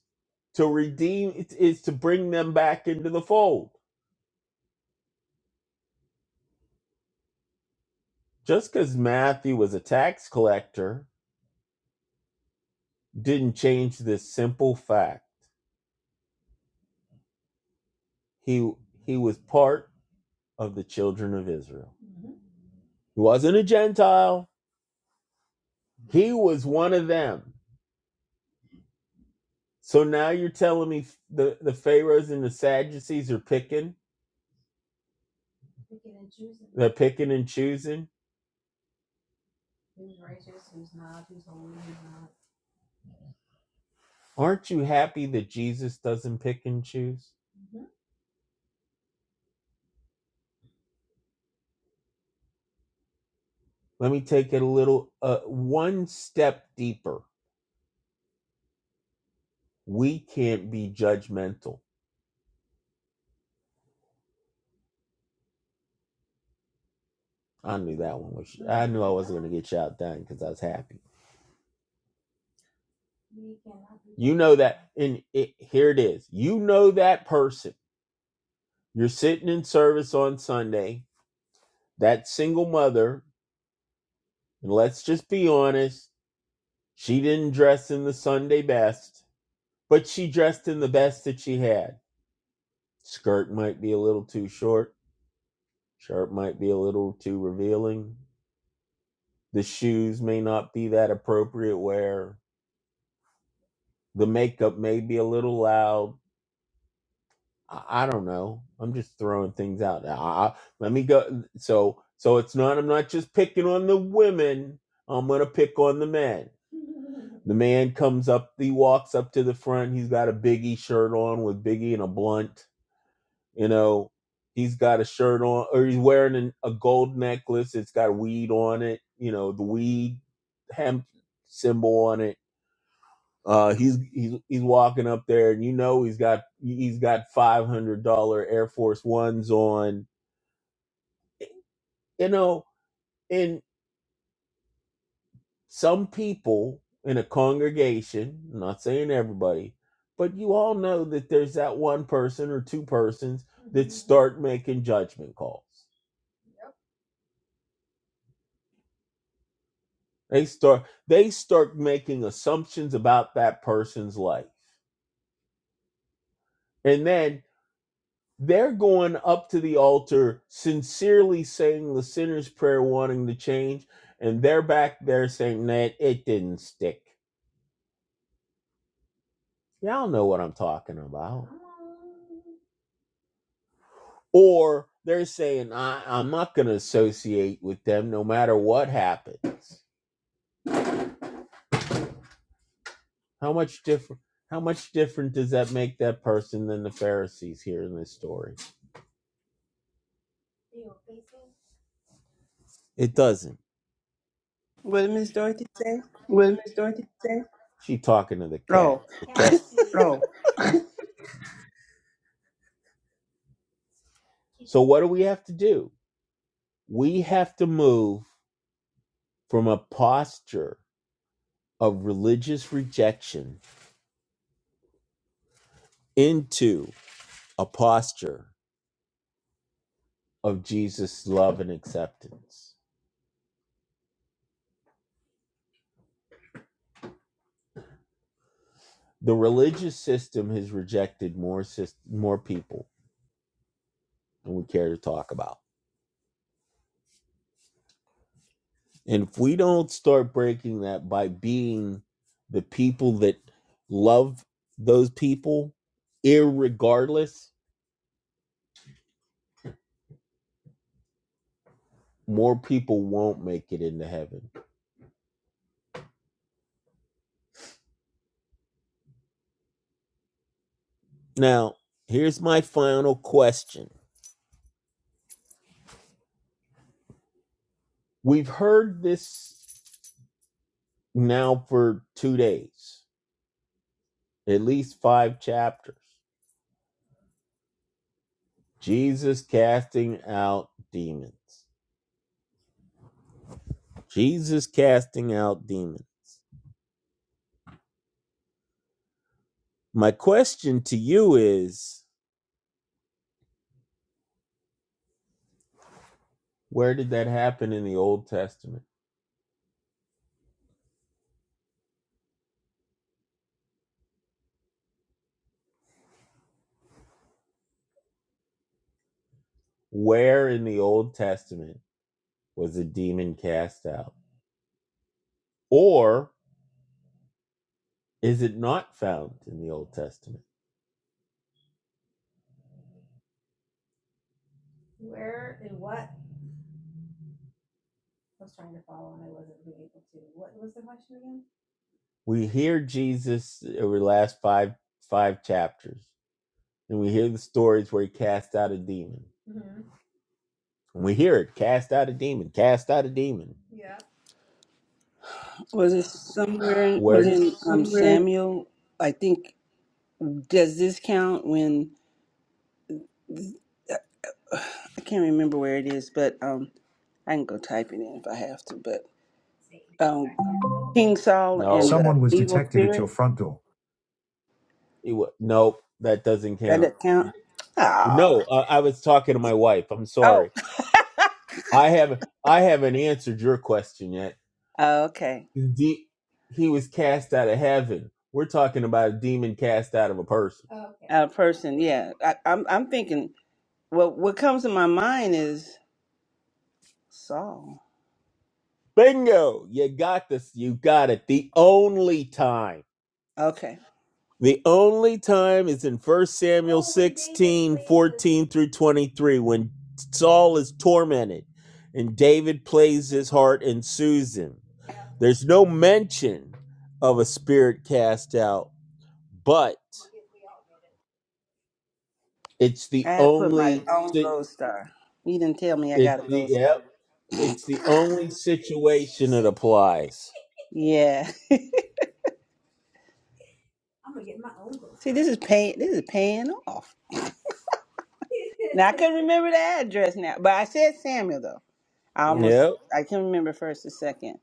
Speaker 3: to redeem, it is to bring them back into the fold. Just because Matthew was a tax collector didn't change this simple fact. He, he was part of the children of Israel. He wasn't a Gentile, he was one of them. So now you're telling me the, the Pharaohs and the Sadducees are picking, they're picking and choosing aren't you happy that Jesus doesn't pick and choose? Let me take it a little, uh, one step deeper. We can't be judgmental. I knew that one was get shot down because I was happy. And it, here it is. You know that person. You're sitting in service on Sunday. That single mother, and let's just be honest, she didn't dress in the Sunday best, but she dressed in the best that she had. Skirt might be a little too short Sharp might be a little too revealing. The shoes may not be that appropriate wear. The makeup may be a little loud. I, I don't know. I'm just throwing things out. I, I- let me go. So so it's not. I'm not just picking on the women. I'm gonna pick on the men. The man comes up. He walks up to the front. He's got a Biggie shirt on with Biggie and a blunt You know, he's got a shirt on, or he's wearing an, a gold necklace. It's got weed on it. You know, the weed hemp symbol on it. Uh, he's he's he's walking up there, and you know he's got he's got five hundred dollar Air Force Ones on. You know, and some people in a congregation, I'm not saying everybody, but you all know that there's that one person or two persons start making judgment calls. They start they start making assumptions about that person's life. And then they're going up to the altar sincerely saying the sinner's prayer wanting to change and they're back there saying that it didn't stick. Y'all know what I'm talking about. Or they're saying I, I'm not gonna associate with them no matter what happens. How much different how much different does that make that person than the Pharisees here in this story? It doesn't
Speaker 1: What did Miss Dorothy say?
Speaker 3: What did Miss Dorothy say? She talking to the cat.
Speaker 1: Oh,
Speaker 3: Oh. So what do we have to do? We have to move from a posture of religious rejection into a posture of Jesus' love and acceptance. The religious system has rejected more syst- more people than we care to talk about. And if we don't start breaking that by being the people that love those people, irregardless more people won't make it into heaven. Now, here's my final question. We've heard this now for two days, at least five chapters. Jesus casting out demons. Jesus casting out demons. My question to you is where did that happen in the Old Testament? Where in the Old Testament was a demon cast out? Or is it not found in the Old Testament? we hear Jesus over the last five five chapters, and we hear the stories where he cast out a demon. And we hear it: cast out a demon, cast out a demon.
Speaker 1: was it somewhere in,
Speaker 3: Where Was it
Speaker 1: in um,
Speaker 3: somewhere?
Speaker 1: Samuel? I think. Does this count when I can't remember where it is, but um, I can go type it in if I have to. But um, King Saul
Speaker 3: no,
Speaker 1: and the
Speaker 3: Someone was
Speaker 1: evil
Speaker 3: detected at your
Speaker 1: spirit.
Speaker 3: front door. it, wa- no, that doesn't
Speaker 1: Does
Speaker 3: count.
Speaker 1: that count? Oh,
Speaker 3: No, uh, I was talking to my wife. I'm
Speaker 1: oh,
Speaker 3: sorry. I haven't I haven't answered your question yet.
Speaker 1: oh, okay.
Speaker 3: The, he was cast out of heaven. We're talking about a demon cast out of a person.
Speaker 1: A person, yeah. I, I'm, I'm thinking Well, what comes to my mind is Saul.
Speaker 3: Bingo! You got this. You got it. The only time.
Speaker 1: Okay.
Speaker 3: The only time is in First Samuel through 23 when Saul is tormented and David plays his heart and soothes him. There's no mention of a spirit cast out, but it's
Speaker 1: I
Speaker 3: the
Speaker 1: had to put my
Speaker 3: only.
Speaker 1: own
Speaker 3: si,
Speaker 1: gold star. You didn't tell me I
Speaker 3: It's
Speaker 1: got a
Speaker 3: the
Speaker 1: gold
Speaker 3: yep.
Speaker 1: star.
Speaker 3: It's the only eyes.
Speaker 1: Yeah. See, this is pay. This is paying off. Now I couldn't remember the address now, but I said Samuel though. I almost
Speaker 3: Yep.
Speaker 1: I can remember first and second.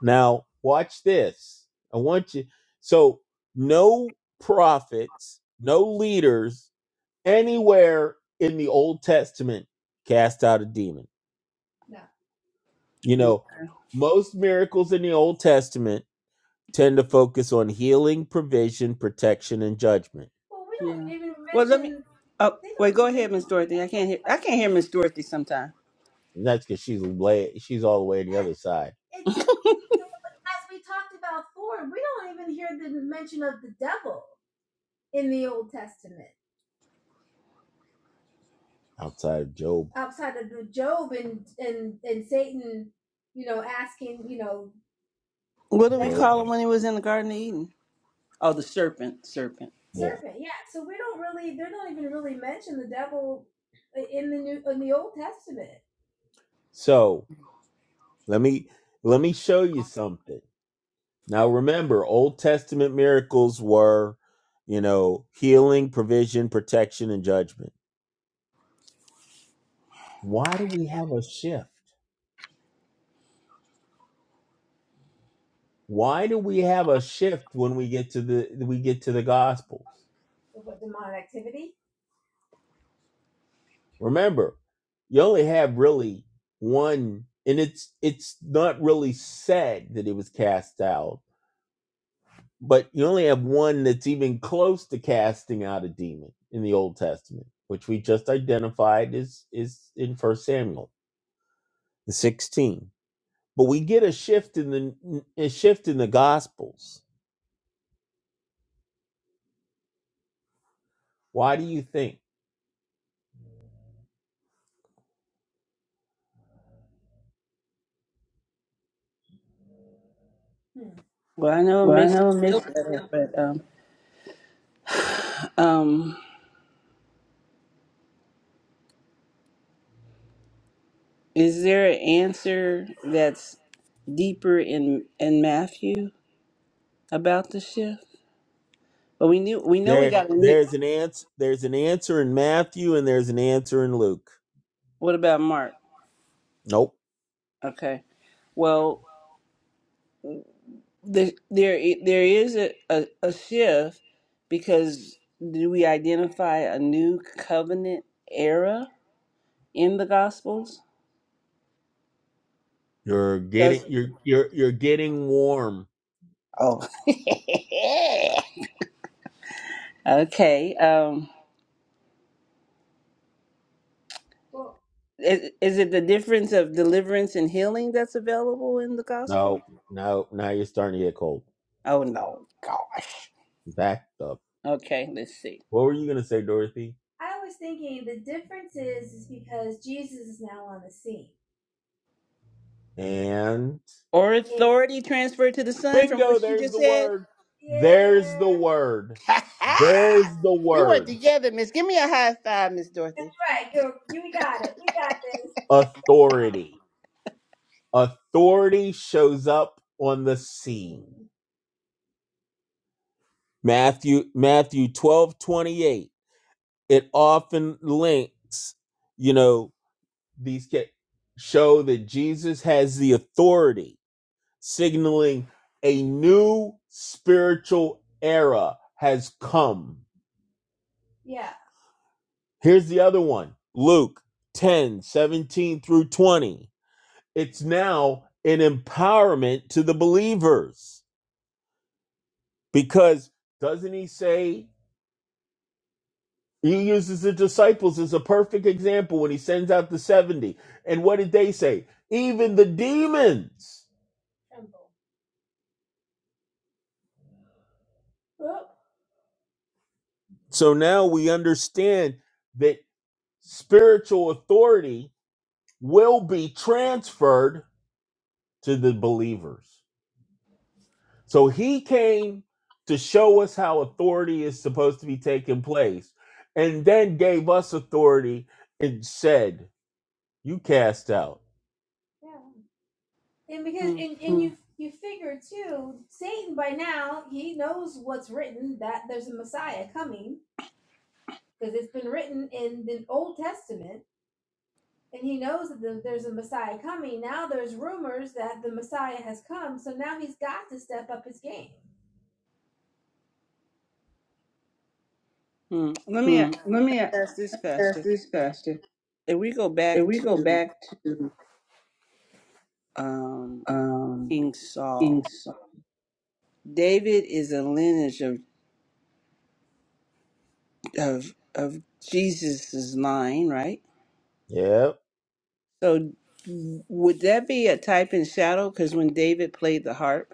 Speaker 3: Now watch this. I want you. So no prophets, no leaders anywhere in the Old Testament cast out a demon. You
Speaker 1: Mm,
Speaker 3: know, most miracles in the Old Testament tend to focus on healing, provision, protection, and judgment.
Speaker 1: Yeah. Well, let me. Oh, wait. Go ahead, Miss Dorothy. I can't hear. I can't hear Miss Dorothy sometime.
Speaker 3: And that's because she's lay, she's all the way inside, outside of Job.
Speaker 1: What do we call him when he was in the Garden of Eden? Oh, the serpent. Serpent. Yeah.
Speaker 3: So let me let me show you something. Now remember, Old Testament miracles were, you know, healing, provision, protection, and judgment. Why do we have a shift? Why do we have a shift when we get to the we get to the gospels? Remember, you only have really one and it's it's not really said that it was cast out, but you only have one that's even close to casting out a demon in the Old Testament, which we just identified is is in First Samuel the 16. But we get a shift in the a shift in the gospels. Why do you think?
Speaker 1: Well, I know it
Speaker 3: Well, I
Speaker 1: makes
Speaker 3: know. it
Speaker 1: you
Speaker 3: makes
Speaker 1: feel better, but um, um, Is there an answer that's deeper in in Matthew about the shift? But we knew we know we
Speaker 3: There,
Speaker 1: got a new.
Speaker 3: there's an answer. There's an answer in Matthew, and there's an answer in Luke.
Speaker 1: What about Mark?
Speaker 3: Nope.
Speaker 1: Okay, well the, there i- there is a, a, a shift because do we identify a new covenant era in the Gospels?
Speaker 3: You're getting
Speaker 1: Because
Speaker 3: you're you're you're getting warm.
Speaker 1: oh, okay. Um, is, is it the difference of deliverance and healing that's available in the Gospel?
Speaker 3: No, no. Now you're starting to get cold.
Speaker 1: Oh no, gosh.
Speaker 3: Back up.
Speaker 1: Okay, let's see.
Speaker 3: What were you gonna say, Dorothy? And
Speaker 1: Or authority transferred to the son from what
Speaker 3: bingo.
Speaker 1: she
Speaker 3: There's
Speaker 1: just
Speaker 3: the
Speaker 1: said.
Speaker 3: word. Word.
Speaker 1: Ha ha!
Speaker 3: There's the
Speaker 1: we work
Speaker 3: word.
Speaker 1: together, Miss. Give me a high five, Miss Dorothy.
Speaker 3: Authority. Authority shows up on the scene. Matthew Matthew twelve twenty eight. It often links. You know These ca- show that Jesus has the authority, signaling a new spiritual era has come. Here's the other one Luke 10 17 through 20. It's now an empowerment to the believers because doesn't he say he uses the disciples as a perfect example when he sends out the 70? And what did they say? Even the demons. So now we understand that spiritual authority will be transferred to the believers. So he came to show us how authority is supposed to be taking place and then gave us authority and said, You cast out.
Speaker 1: Hmm. hmm. Let me
Speaker 3: Hmm. Let me
Speaker 1: ask this,
Speaker 3: ask
Speaker 1: Pastor.
Speaker 3: this question.
Speaker 1: If we go
Speaker 3: If
Speaker 1: back
Speaker 3: we go
Speaker 1: to
Speaker 3: back to
Speaker 1: um,
Speaker 3: um,
Speaker 1: King
Speaker 3: King
Speaker 1: Saul,
Speaker 3: Saul,
Speaker 1: David is a lineage of of of Jesus's line, right?
Speaker 3: Yeah.
Speaker 1: So would that be a type and shadow? Because when David played the harp.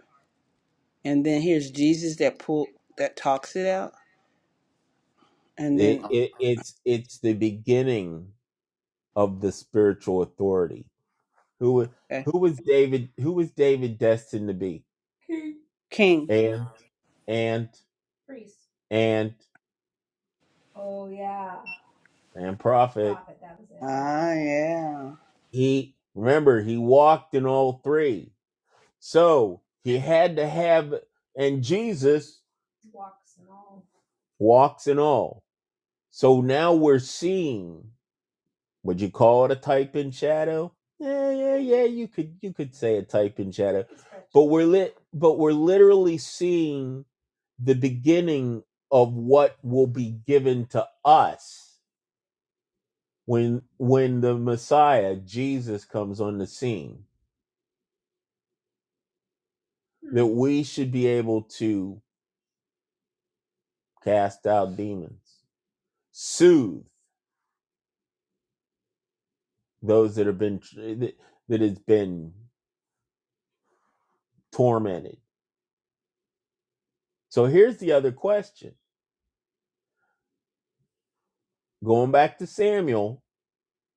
Speaker 1: and then here's Jesus that pull that talks it out, and
Speaker 3: It,
Speaker 1: then
Speaker 3: it, it's it's the beginning of the spiritual authority. Who wa-
Speaker 1: uh,
Speaker 3: who was David? Who was David destined to be?
Speaker 1: King.
Speaker 3: And and and and prophet.
Speaker 1: Ah, yeah.
Speaker 3: He remember he walked in all three, so he had to have. And Jesus walks in all. So now we're seeing. Would you call it a type and shadow? Yeah, yeah, yeah. You could you could say a type and shadow, It- but we're literally seeing the beginning of what will be given to us when when the messiah jesus comes on the scene that we should be able to cast out demons soothe those that have been that that has been tormented so here's the other question going back to samuel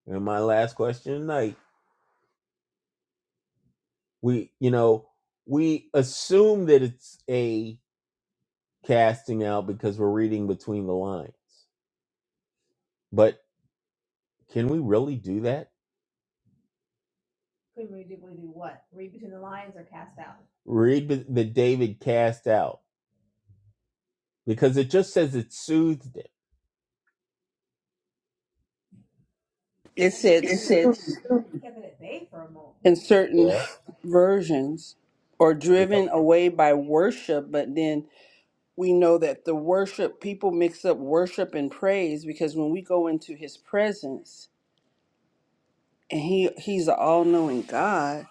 Speaker 3: and my last question tonight we you know we assume that it's a casting out because we're reading between the lines but. Can we really do that? Read the the David cast out because it just says it soothed him.
Speaker 1: It said in certain versions or
Speaker 3: You know,
Speaker 1: driven away by worship, but then we know that the worship people mix up worship and praise because when we go into His presence and He He's an all knowing God.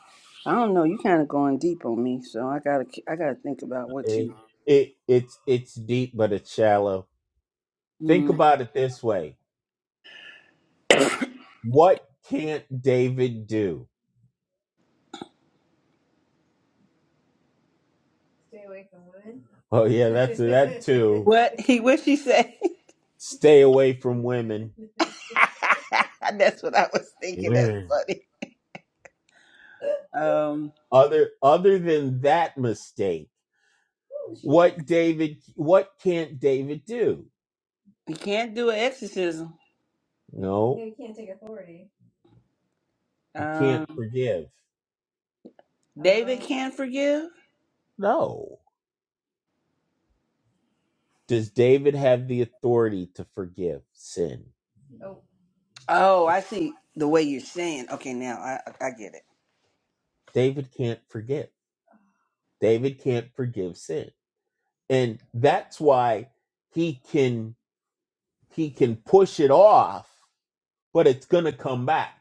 Speaker 1: I don't know. You kind of going deep on me, so I gotta I gotta think about what
Speaker 3: it,
Speaker 1: you.
Speaker 3: it it's it's deep but it's shallow. Think
Speaker 1: Mm.
Speaker 3: about it this way: What can't David do? Oh yeah,
Speaker 1: What he what she say?
Speaker 3: stay away from women.
Speaker 1: That's what I was thinking. That's
Speaker 3: Women.
Speaker 1: funny. Um,
Speaker 3: Other other than that mistake, David, what can't David do?
Speaker 1: he can't do an exorcism.
Speaker 3: No, he can't
Speaker 1: Um,
Speaker 3: forgive.
Speaker 1: David can't forgive.
Speaker 3: No. Does David have the authority to forgive sin?
Speaker 1: Oh, I see the way you're saying. Okay, now I I get it.
Speaker 3: David can't forgive. David can't forgive sin. And that's why he can he can push it off, but it's going to come back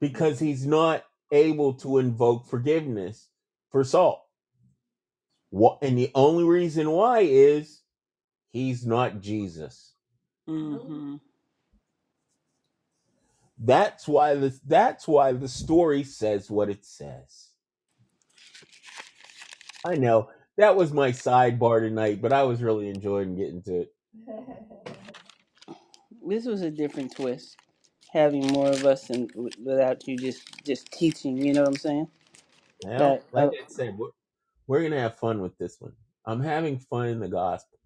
Speaker 3: because he's not able to invoke forgiveness for Saul. What and the only reason why is he's not Jesus.
Speaker 1: hmm
Speaker 3: That's why the that's why the story says what it says. I know that was my sidebar tonight, but I was really enjoying getting to it.
Speaker 1: This was a different twist. Having more of us and w- without you just just teaching. You know what I'm saying?
Speaker 3: Well,
Speaker 1: That
Speaker 3: like
Speaker 1: uh,
Speaker 3: I said, we're We're gonna have fun with this one. I'm having fun in the Gospels.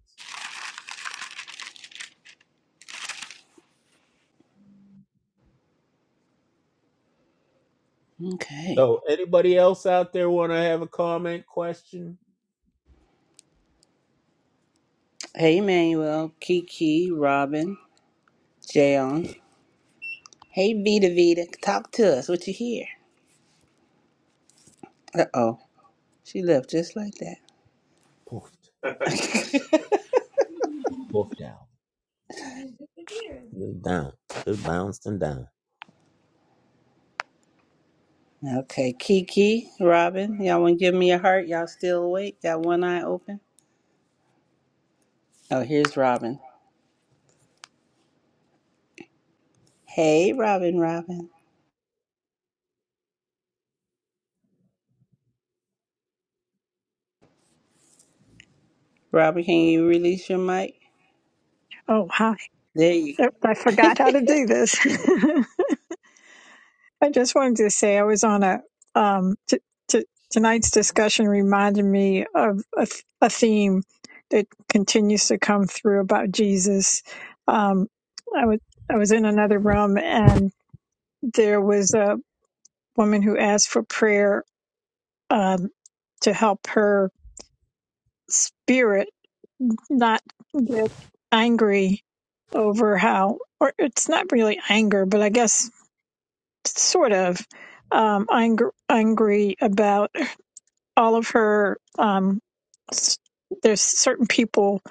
Speaker 1: okay.
Speaker 3: So, anybody else out there want to have a comment, question?
Speaker 1: Hey, Emmanuel, Kiki, Robin, Jayon. Hey, Vita, Vita, talk to us. What you hear? Uh oh, she left just like that.
Speaker 3: Poofed, poofed down, down, Move bounced and down.
Speaker 1: Okay, Kiki, Robin, y'all want to give me a heart? Y'all still awake? Got one eye open? Oh, here's Robin. Hey, Robin, Robin. Robin, can you release your mic?
Speaker 4: Oh, hi.
Speaker 1: There you go.
Speaker 4: Yep, I forgot how to do this. I just wanted to say I was on a, um, t- t- tonight's discussion reminded me of a, th- a theme that continues to come through about Jesus. Um, I was, I was in another room and there was a woman who asked for prayer, um, to help her spirit not get angry over how, or it's not really anger, but I guess sort of um, angry, angry about all of her. Um, there's certain people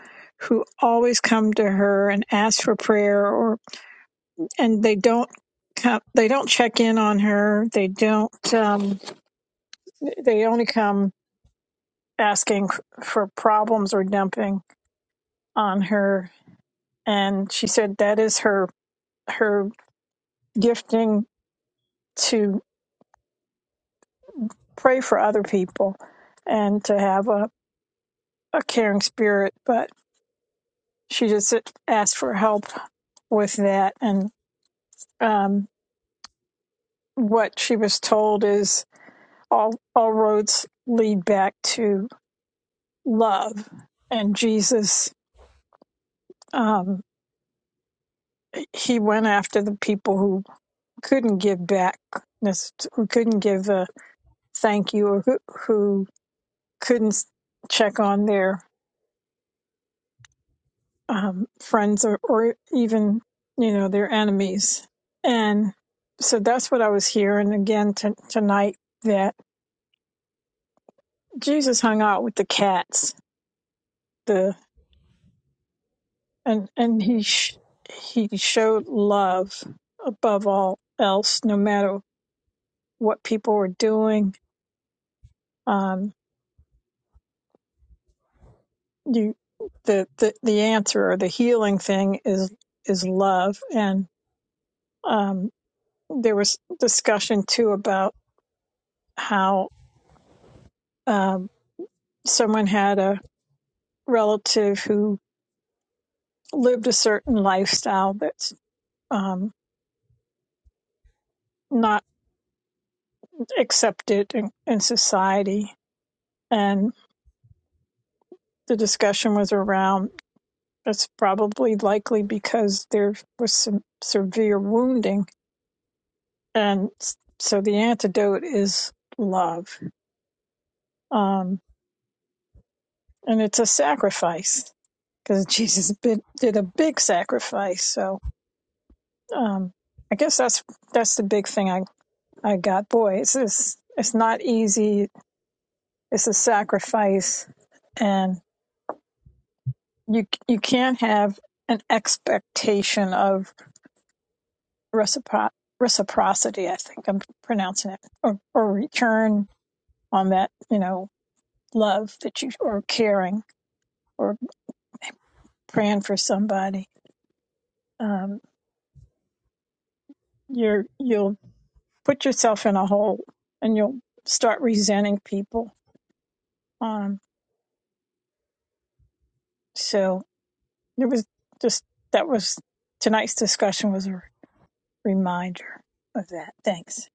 Speaker 4: who always come to her and ask for prayer, or and they don't come, they don't check in on her. They don't. Um, they only come asking for problems or dumping on her. And she said that is her her gifting to pray for other people and to have a a caring spirit, but she just asked for help with that. And um, what she was told is all all roads lead back to love. And Jesus, um, he went after the people who couldn't give back, who couldn't give a thank you, or who, who couldn't check on their um, friends or, or even you know their enemies and so that's what i was hearing again t- tonight that jesus hung out with the cats the and and he sh- he showed love above all else no matter what people were doing um you the the, the answer or the healing thing is is love and um there was discussion too about how um, someone had a relative who lived a certain lifestyle that's um, not accepted in, in society. And the discussion was around it's probably likely because there was some severe wounding. And s- so the antidote is love. Um, and it's a sacrifice because Jesus bid, did a big sacrifice. So um, I guess that's that's the big thing I. I got boy, it's just, it's not easy. It's a sacrifice, and you you can't have an expectation of recipro- reciprocity. I think I'm pronouncing it or or return on that you know love that you or caring or praying for somebody. Um, you're you'll put yourself in a hole, and you'll start resenting people. Um, so it was just that was tonight's discussion was reminder of that. Thanks.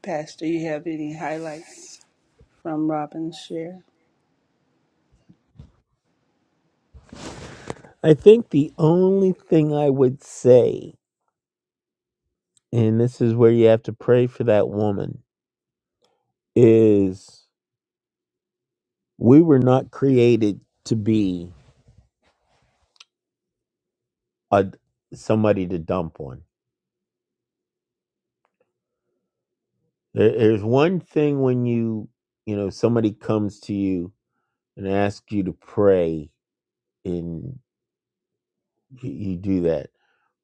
Speaker 1: Pastor, you have any highlights from Robin's share?
Speaker 3: I think the only thing I would say, and this is where you have to pray for that woman, is we were not created to be a somebody to dump on. There, there's one thing when you, you know, somebody comes to you and asks you to pray and you you do that.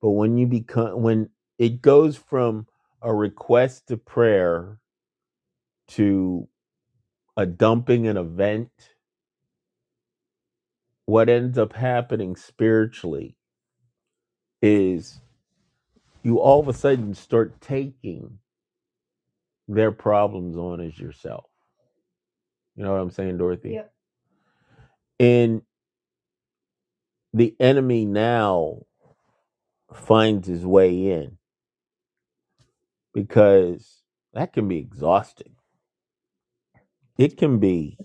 Speaker 3: But when you become when it goes from a request to prayer to a dumping an event, what ends up happening spiritually is you all of a sudden start taking their problems on as yourself. You know what I'm saying, Dorothy? And the enemy now finds his way in because that can be exhausting. It can be,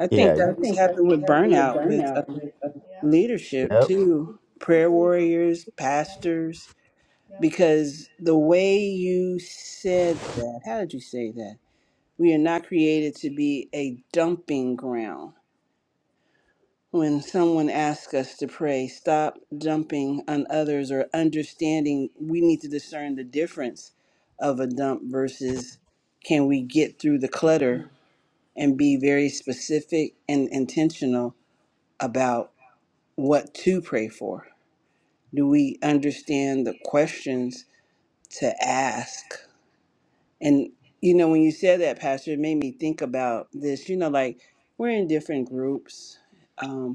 Speaker 1: I
Speaker 3: yeah.
Speaker 1: think
Speaker 3: I
Speaker 1: that was
Speaker 3: think that
Speaker 1: happened
Speaker 3: was with
Speaker 1: with
Speaker 3: with.
Speaker 1: burnout, with
Speaker 3: burnout
Speaker 1: um,
Speaker 3: with a
Speaker 1: leadership
Speaker 3: Yep.
Speaker 1: too, prayer warriors, pastors, because the way you said that, how did you say that? We are not created to be a dumping ground when someone asks us to pray, stop dumping on others or understanding we need to discern the difference of a dump versus can we get through the clutter and be very specific and intentional about what to pray for? Do we understand the questions to ask? And, you know, when you said that, Pastor, it made me think about this. You know, like we're in different groups. Um,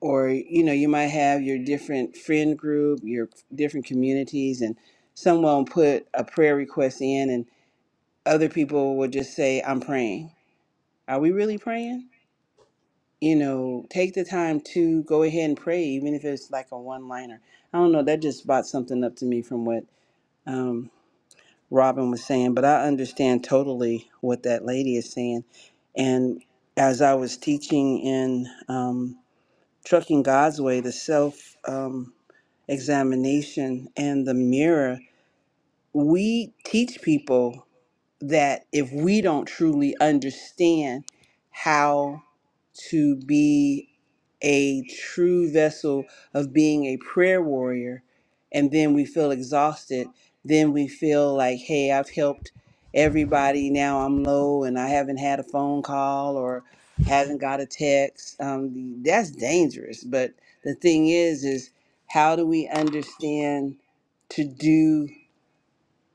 Speaker 1: or you know you might have your different friend group your different communities and someone put a prayer request in and other people will just say i'm praying are we really praying you know take the time to go ahead and pray even if it's like a one liner i don't know that just brought something up to me from what um, robin was saying but i understand totally what that lady is saying and as i was teaching in um, Trucking God's Way, the self um, examination and the mirror, we teach people that if we don't truly understand how to be a true vessel of being a prayer warrior, and then we feel exhausted, then we feel like, hey, I've helped everybody, now I'm low and I haven't had a phone call or haven't got a text. Um, that's dangerous. But the thing is, is how do we understand to do?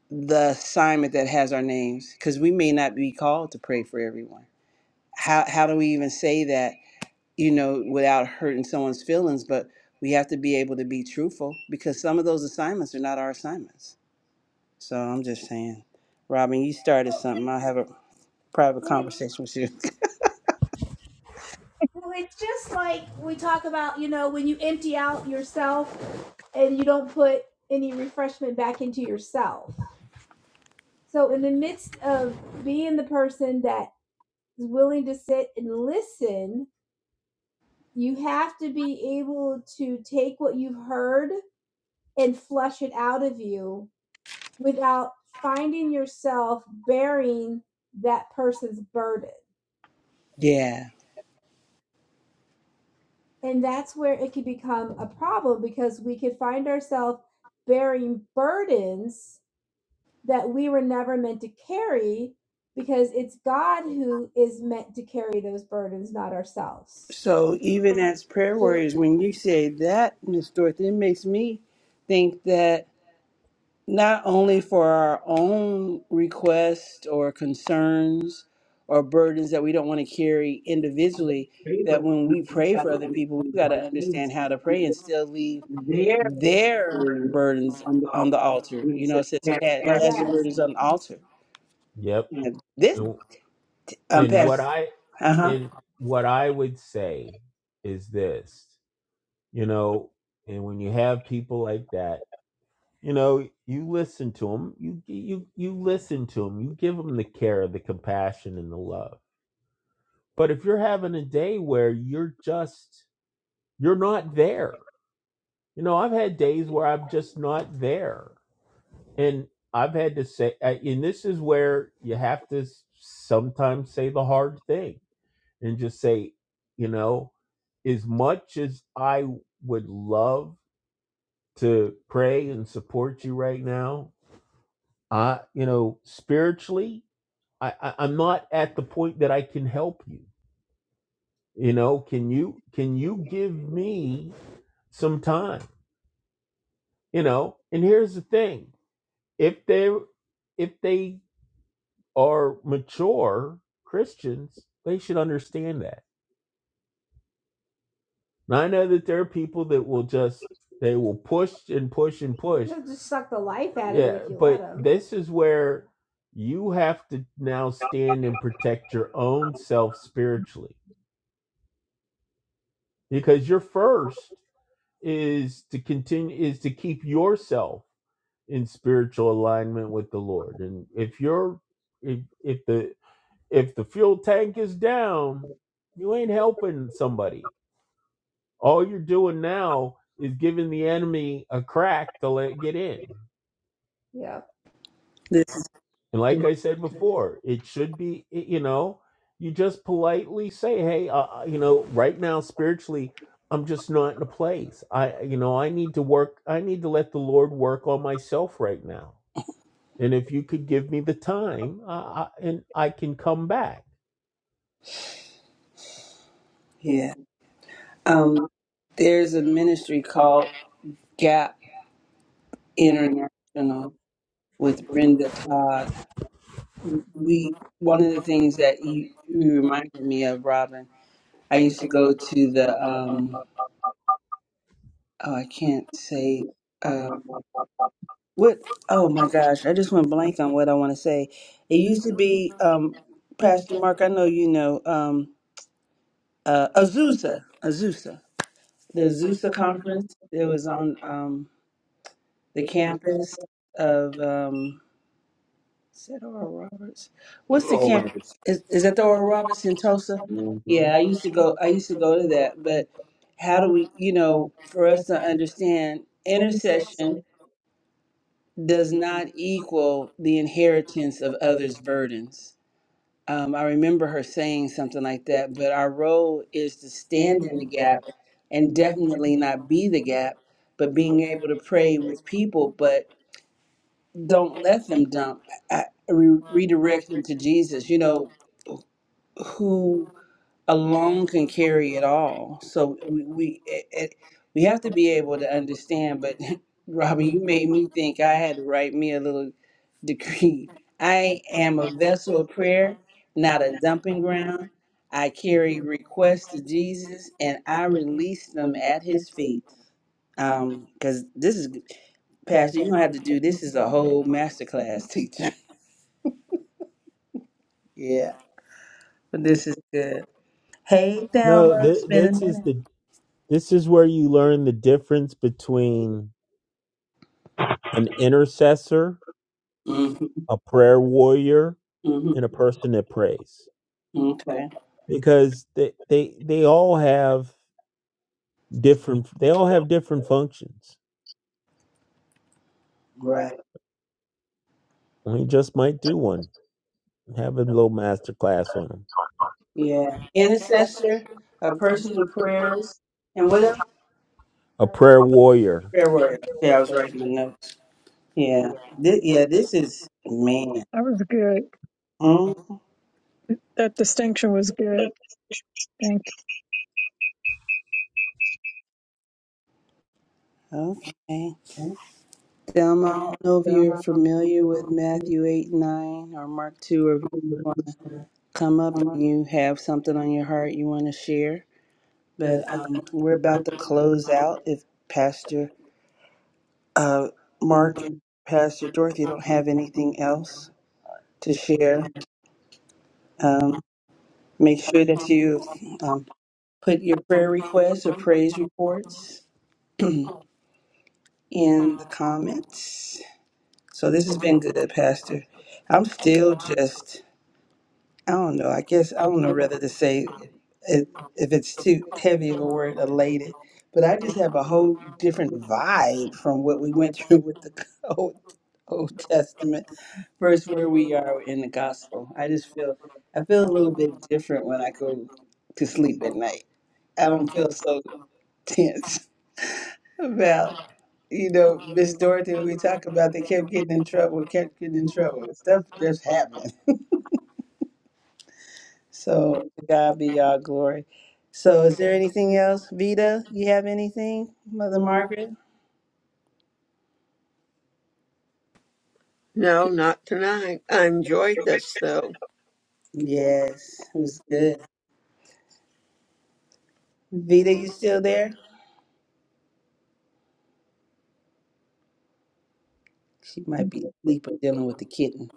Speaker 1: the assignment that has our names because we may not be called to pray for everyone. How how do we even say that, you know, without hurting someone's feelings, but we have to be able to be truthful because some of those assignments are not our assignments. So I'm just saying, Robin, you started something. I'll have a private conversation with you. Yeah. So even as prayer warriors, when you say that, Miss Dorothy, it makes me think that not only for our own requests or concerns or burdens that we don't want to carry individually, that when we pray for other people, we've got to understand how to pray and still leave their burdens on the altar. You know, it says "Ca- cast your burdens on the altar.
Speaker 3: Yep.
Speaker 1: And this
Speaker 3: And,
Speaker 1: um
Speaker 3: and what
Speaker 1: past
Speaker 3: I
Speaker 1: uh huh.
Speaker 3: and what I would say is this, you know, and when you have people like that, you know, you listen to them, you you you listen to them, you give them the care, the compassion, and the love. But if you're having a day where you're just you're not there, you know, I've had days where I'm just not there, and I've had to say, uh, and this is where you have to sometimes say the hard thing and just say, you know, as much as I would love to pray and support you right now, I, you know, spiritually, I, I I'm not at the point that I can help you. You know, can you can you give me some time? You know, and here's the thing: if they if they are mature Christians, they should understand that. And I know that there are people that will just they will push and push and push This is where you have to now stand and protect your own self spiritually because your first is to continue is to keep yourself in spiritual alignment with the Lord. And if you're if, if the if the fuel tank is down, you ain't helping somebody. All you're doing now is giving the enemy a crack to let get in.
Speaker 1: This
Speaker 3: And like I said before, it should be, you know, you just politely say, hey, uh, uh, you know, right now, spiritually, I'm just not in a place. I, uh, you know, I need to work, I need to let the Lord work on myself right now. And if you could give me the time, uh, I, and I can come back.
Speaker 1: yeah. Um there's a ministry called Gap International with Brenda Todd we
Speaker 2: Mhm.
Speaker 1: one
Speaker 2: One
Speaker 1: of
Speaker 2: of
Speaker 1: the
Speaker 2: the things
Speaker 1: things
Speaker 2: that
Speaker 1: that
Speaker 2: comes
Speaker 1: you,
Speaker 2: to
Speaker 1: you
Speaker 2: the mind,
Speaker 1: reminded me of robin i
Speaker 2: I used
Speaker 1: used to
Speaker 2: to
Speaker 1: go
Speaker 2: go to
Speaker 1: to
Speaker 2: the,
Speaker 1: the
Speaker 2: um,
Speaker 1: um
Speaker 2: uh,
Speaker 1: oh i
Speaker 2: to
Speaker 1: can't say
Speaker 2: the,
Speaker 1: uh
Speaker 2: um, what,
Speaker 1: what oh
Speaker 2: oh my
Speaker 1: my
Speaker 2: God,
Speaker 1: gosh i
Speaker 2: what is
Speaker 1: just went
Speaker 2: it was in,
Speaker 1: blank on what i want to say it
Speaker 2: I
Speaker 1: used
Speaker 2: used
Speaker 1: to
Speaker 2: to do
Speaker 1: be
Speaker 2: a
Speaker 1: um pastor
Speaker 2: pastor,
Speaker 1: mark i know you know um uh
Speaker 2: a Zuka,
Speaker 1: azusa azusa the
Speaker 2: the
Speaker 1: azusa
Speaker 2: Zuka
Speaker 1: conference
Speaker 2: conference, it
Speaker 1: that was
Speaker 2: was on
Speaker 1: on um the
Speaker 2: the
Speaker 1: campus
Speaker 2: campus. uh,
Speaker 1: of um Is that Oral Roberts? What's the camp? Is, is
Speaker 2: Is
Speaker 1: that
Speaker 2: it
Speaker 1: the
Speaker 2: the
Speaker 1: Oral
Speaker 2: one where I
Speaker 1: Roberts
Speaker 2: was
Speaker 1: in
Speaker 2: in Tulsa?
Speaker 1: Tulsa?
Speaker 2: Mhm.
Speaker 1: Yeah, I
Speaker 2: Yeah, I
Speaker 1: used
Speaker 2: used
Speaker 1: to
Speaker 2: to
Speaker 1: go.
Speaker 2: go,
Speaker 1: I
Speaker 2: I used
Speaker 1: used to
Speaker 2: to
Speaker 1: go to
Speaker 2: go to that,
Speaker 1: that. But
Speaker 2: but
Speaker 1: how
Speaker 2: how,
Speaker 1: do we, you
Speaker 2: um,
Speaker 1: know, for
Speaker 2: for
Speaker 1: us
Speaker 2: us to
Speaker 1: to
Speaker 2: understand,
Speaker 1: understand intercession
Speaker 2: intersection
Speaker 1: does
Speaker 2: does not
Speaker 1: not
Speaker 2: equal
Speaker 1: equal the
Speaker 2: care of
Speaker 1: inheritance of
Speaker 2: the
Speaker 1: others'
Speaker 2: others.
Speaker 1: burdens.
Speaker 2: I
Speaker 1: Um, I
Speaker 2: think
Speaker 1: remember her saying something like
Speaker 2: That
Speaker 1: that. But our role is to
Speaker 2: stand
Speaker 1: stand in
Speaker 2: in
Speaker 1: the
Speaker 2: the gap
Speaker 1: gap, and
Speaker 2: and definitely
Speaker 1: definitely
Speaker 2: not
Speaker 1: not
Speaker 2: be
Speaker 1: be the
Speaker 2: the gap,
Speaker 1: gap. But
Speaker 2: but
Speaker 1: being
Speaker 2: being
Speaker 1: able
Speaker 2: able
Speaker 1: to
Speaker 2: to
Speaker 1: pray
Speaker 2: pray with
Speaker 1: with people,
Speaker 2: people, but
Speaker 1: but
Speaker 2: don't
Speaker 1: don't
Speaker 2: let
Speaker 1: let
Speaker 2: them
Speaker 1: them
Speaker 2: jump.
Speaker 1: dump. I, re-
Speaker 2: You redirect
Speaker 1: redirect
Speaker 2: her
Speaker 1: them to
Speaker 2: to Jesus,
Speaker 1: Jesus. You
Speaker 2: you
Speaker 1: know,
Speaker 2: know, who
Speaker 1: who
Speaker 2: alone
Speaker 1: alone can
Speaker 2: can carry
Speaker 1: carry
Speaker 2: it
Speaker 1: it
Speaker 2: all.
Speaker 1: all.
Speaker 2: So
Speaker 1: So
Speaker 2: if
Speaker 1: we
Speaker 2: we,
Speaker 1: we
Speaker 2: if,
Speaker 1: it,
Speaker 2: if
Speaker 1: it, we have to
Speaker 2: nothing is
Speaker 1: be
Speaker 2: able to do
Speaker 1: able
Speaker 2: with
Speaker 1: to
Speaker 2: understand,
Speaker 1: understand.
Speaker 2: but
Speaker 1: But Robin,
Speaker 2: Robin, you
Speaker 1: you
Speaker 2: made
Speaker 1: made
Speaker 2: me
Speaker 1: me
Speaker 2: think
Speaker 1: think I
Speaker 2: I
Speaker 1: had to write me a little decree.
Speaker 2: can't
Speaker 1: I
Speaker 2: am
Speaker 1: am
Speaker 2: a
Speaker 1: a vessel
Speaker 2: vessel
Speaker 1: of
Speaker 2: prayer,
Speaker 1: prayer, not
Speaker 2: not
Speaker 1: a
Speaker 2: a
Speaker 1: dumping
Speaker 2: document,
Speaker 1: ground. I carry
Speaker 2: carry request
Speaker 1: requests
Speaker 2: to
Speaker 1: to
Speaker 2: Jesus,
Speaker 1: Jesus,
Speaker 2: and
Speaker 1: and
Speaker 2: I
Speaker 1: I
Speaker 2: will
Speaker 1: release them
Speaker 2: come back
Speaker 1: at His feet.
Speaker 2: and Um,
Speaker 1: Um, because this is
Speaker 2: Cash,
Speaker 1: Pastor, you're
Speaker 2: you know,
Speaker 1: gonna have to do
Speaker 2: this
Speaker 1: this
Speaker 2: is
Speaker 1: is
Speaker 2: a
Speaker 1: a
Speaker 2: whole
Speaker 1: whole
Speaker 2: piece of
Speaker 1: masterclass
Speaker 2: the-
Speaker 1: teacher.
Speaker 2: Yeah,
Speaker 1: yeah. But this
Speaker 2: this
Speaker 1: is
Speaker 2: is the
Speaker 1: good. Hey
Speaker 2: paid
Speaker 3: No,
Speaker 1: Thelma,
Speaker 2: family.
Speaker 1: it's
Speaker 3: th-
Speaker 1: been a
Speaker 3: this
Speaker 1: minute.
Speaker 3: is the this is where you learn the difference between an intercessor,
Speaker 1: Mm-hmm.
Speaker 2: Mm-hmm,
Speaker 3: a prayer warrior,
Speaker 1: mm-hmm.
Speaker 3: and a
Speaker 2: mm-hmm,
Speaker 3: person that prays,
Speaker 2: okay,
Speaker 1: Okay.
Speaker 3: because they they they all have different they all have different functions
Speaker 1: Right.
Speaker 2: right,
Speaker 3: we just might do one have a little master class on them
Speaker 1: Yeah.
Speaker 2: yeah. Intercession,
Speaker 1: Intercessor, a
Speaker 2: a
Speaker 1: person
Speaker 2: personal
Speaker 1: who prays,
Speaker 2: prayers,
Speaker 1: and
Speaker 2: and
Speaker 1: what
Speaker 2: what else
Speaker 1: else?
Speaker 3: a prayer warrior
Speaker 1: Prayer
Speaker 2: there
Speaker 1: warrior.
Speaker 2: were? Yeah,
Speaker 1: Yeah, I
Speaker 2: I was
Speaker 1: was writing my
Speaker 2: writing
Speaker 1: notes.
Speaker 2: it
Speaker 1: Yeah.
Speaker 2: down. Yeah,
Speaker 1: This,
Speaker 2: this,
Speaker 1: yeah,
Speaker 2: yeah, this
Speaker 1: this
Speaker 2: is,
Speaker 1: is, man.
Speaker 2: man.
Speaker 4: That was good.
Speaker 2: Mm,
Speaker 1: Mm,
Speaker 4: That distinction was good. Thank you.
Speaker 1: Okay.
Speaker 2: mm,
Speaker 1: Thelma, I don't know if you're
Speaker 2: mm, mm,
Speaker 1: familiar with
Speaker 2: mm.
Speaker 1: Matthew 8 9 or Mark 2 or come up and you have something on your heart you want to share. But um, we're
Speaker 2: The breath
Speaker 1: about
Speaker 2: of
Speaker 1: to
Speaker 2: the living
Speaker 1: close
Speaker 2: God,
Speaker 1: out if
Speaker 2: that's so
Speaker 1: Pastor uh,
Speaker 2: smart
Speaker 1: Mark and
Speaker 2: and that's
Speaker 1: Pastor
Speaker 2: so good,
Speaker 1: Dorothy don't
Speaker 2: and
Speaker 1: have
Speaker 2: everything
Speaker 1: anything
Speaker 2: else.
Speaker 1: else to
Speaker 2: and share.
Speaker 1: share.
Speaker 2: Uh,
Speaker 1: Um, make
Speaker 2: make sure
Speaker 1: sure
Speaker 2: that
Speaker 1: that
Speaker 2: you
Speaker 1: you um,
Speaker 2: um,
Speaker 1: put
Speaker 2: put
Speaker 1: your
Speaker 2: your
Speaker 1: prayer
Speaker 2: prayer reports
Speaker 1: requests or
Speaker 2: or praise
Speaker 1: praise
Speaker 2: reports
Speaker 1: reports in
Speaker 2: in.
Speaker 1: the
Speaker 2: Um,
Speaker 1: comments. So
Speaker 2: so
Speaker 1: this
Speaker 2: this
Speaker 1: has
Speaker 2: has
Speaker 1: been
Speaker 2: been good,
Speaker 1: good,
Speaker 2: Pastor.
Speaker 1: Pastor. I'm
Speaker 2: I'm
Speaker 1: still
Speaker 2: still good.
Speaker 1: just, I
Speaker 2: I'm
Speaker 1: don't know, I
Speaker 2: still
Speaker 1: guess, I
Speaker 2: so
Speaker 1: don't
Speaker 2: much
Speaker 1: know
Speaker 2: of this
Speaker 1: whether to
Speaker 2: thing.
Speaker 1: say it,
Speaker 2: It's,
Speaker 1: if
Speaker 2: it's
Speaker 1: it's
Speaker 2: it's
Speaker 1: too heavy
Speaker 2: heavy
Speaker 1: of
Speaker 2: in
Speaker 1: a
Speaker 2: the word
Speaker 1: word,
Speaker 2: of labor.
Speaker 1: elated, but
Speaker 2: But
Speaker 1: I
Speaker 2: I
Speaker 1: just
Speaker 2: just have
Speaker 1: have a
Speaker 2: a whole
Speaker 1: whole
Speaker 2: different
Speaker 1: different
Speaker 2: vibe
Speaker 1: vibe
Speaker 2: from
Speaker 1: from what
Speaker 2: what we
Speaker 1: we went
Speaker 2: went through
Speaker 1: through with the
Speaker 2: before.
Speaker 1: Old, Old Testament
Speaker 2: First,
Speaker 1: versus where
Speaker 2: when
Speaker 1: we
Speaker 2: we are
Speaker 1: are in
Speaker 2: in
Speaker 1: the
Speaker 2: the gospel,
Speaker 1: gospel.
Speaker 2: I
Speaker 1: I
Speaker 2: just
Speaker 1: just feel,
Speaker 2: feel
Speaker 1: I
Speaker 2: I
Speaker 1: feel
Speaker 2: feel
Speaker 1: a
Speaker 2: a
Speaker 1: little
Speaker 2: little
Speaker 1: bit
Speaker 2: bit
Speaker 1: different
Speaker 2: different
Speaker 1: when
Speaker 2: when
Speaker 1: I
Speaker 2: I go
Speaker 1: go to
Speaker 2: to
Speaker 1: sleep at
Speaker 2: sleep.
Speaker 1: night. I
Speaker 2: I
Speaker 1: don't
Speaker 2: don't
Speaker 1: feel
Speaker 2: feel so
Speaker 1: so
Speaker 2: tense
Speaker 1: tense
Speaker 2: Well,
Speaker 1: about,
Speaker 2: you
Speaker 1: you
Speaker 2: know,
Speaker 1: know,
Speaker 2: the
Speaker 1: Miss
Speaker 2: story
Speaker 1: Dorothy.
Speaker 2: when
Speaker 1: We
Speaker 2: we talk
Speaker 1: talk about
Speaker 2: about
Speaker 1: they
Speaker 2: they
Speaker 1: kept
Speaker 2: kept getting
Speaker 1: getting in
Speaker 2: in
Speaker 1: trouble,
Speaker 2: trouble, kept
Speaker 1: kept getting
Speaker 2: getting
Speaker 1: in
Speaker 2: in
Speaker 1: trouble.
Speaker 2: trouble.
Speaker 1: Stuff
Speaker 2: Stuff just
Speaker 1: just
Speaker 2: happened.
Speaker 1: happened. So
Speaker 2: So,
Speaker 1: to
Speaker 2: I
Speaker 1: God be all glory. So
Speaker 2: so is
Speaker 1: is
Speaker 2: there
Speaker 1: there anything
Speaker 2: anything
Speaker 1: else,
Speaker 2: else
Speaker 1: Vita? You have anything,
Speaker 2: on
Speaker 1: Mother
Speaker 2: the mark?
Speaker 1: Margaret?
Speaker 5: No, not tonight. I enjoyed this though.
Speaker 2: Yeah,
Speaker 1: Yes, it
Speaker 2: it's
Speaker 1: was good.
Speaker 2: good.
Speaker 1: Vita,
Speaker 2: Rita,
Speaker 1: you
Speaker 2: you
Speaker 1: still
Speaker 2: still there?
Speaker 1: there? She might be asleep or dealing
Speaker 2: Mhm.
Speaker 1: with the kitten.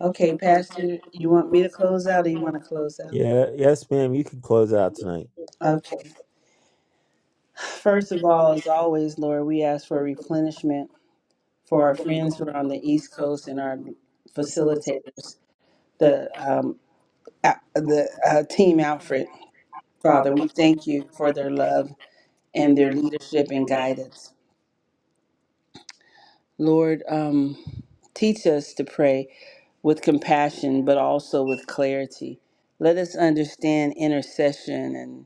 Speaker 1: Okay,
Speaker 2: Okay, Catherine,
Speaker 1: Pastor,
Speaker 2: you
Speaker 1: you
Speaker 2: want
Speaker 1: want
Speaker 2: me
Speaker 1: me to
Speaker 2: to close
Speaker 1: close out
Speaker 2: out or
Speaker 1: or
Speaker 2: you
Speaker 1: you
Speaker 2: want
Speaker 1: want to
Speaker 2: to close
Speaker 1: close out?
Speaker 3: yeah yes ma'am you can close out tonight
Speaker 2: out? Okay.
Speaker 1: Okay. First
Speaker 2: First
Speaker 1: of
Speaker 2: of
Speaker 1: all,
Speaker 2: all,
Speaker 1: as
Speaker 2: is
Speaker 1: always, Lord, we ask for
Speaker 2: for the,
Speaker 1: replenishment for our
Speaker 2: for
Speaker 1: friends who
Speaker 2: Greensboro
Speaker 1: are on the
Speaker 2: and the
Speaker 1: East
Speaker 2: East Coast
Speaker 1: Coast and our
Speaker 2: and facilitators.
Speaker 1: facilitators,
Speaker 2: But,
Speaker 1: the um, Al- the
Speaker 2: um,
Speaker 1: uh, team Alfred. Father,
Speaker 2: Father,
Speaker 1: we
Speaker 2: we thank
Speaker 1: thank
Speaker 2: you
Speaker 1: you for
Speaker 2: for
Speaker 1: their
Speaker 2: the
Speaker 1: love and
Speaker 2: and
Speaker 1: their
Speaker 2: there's
Speaker 1: leadership and
Speaker 2: different guys.
Speaker 1: guidance. Lord, um, teach us to pray with compassion, but also with clarity. Let us understand intercession and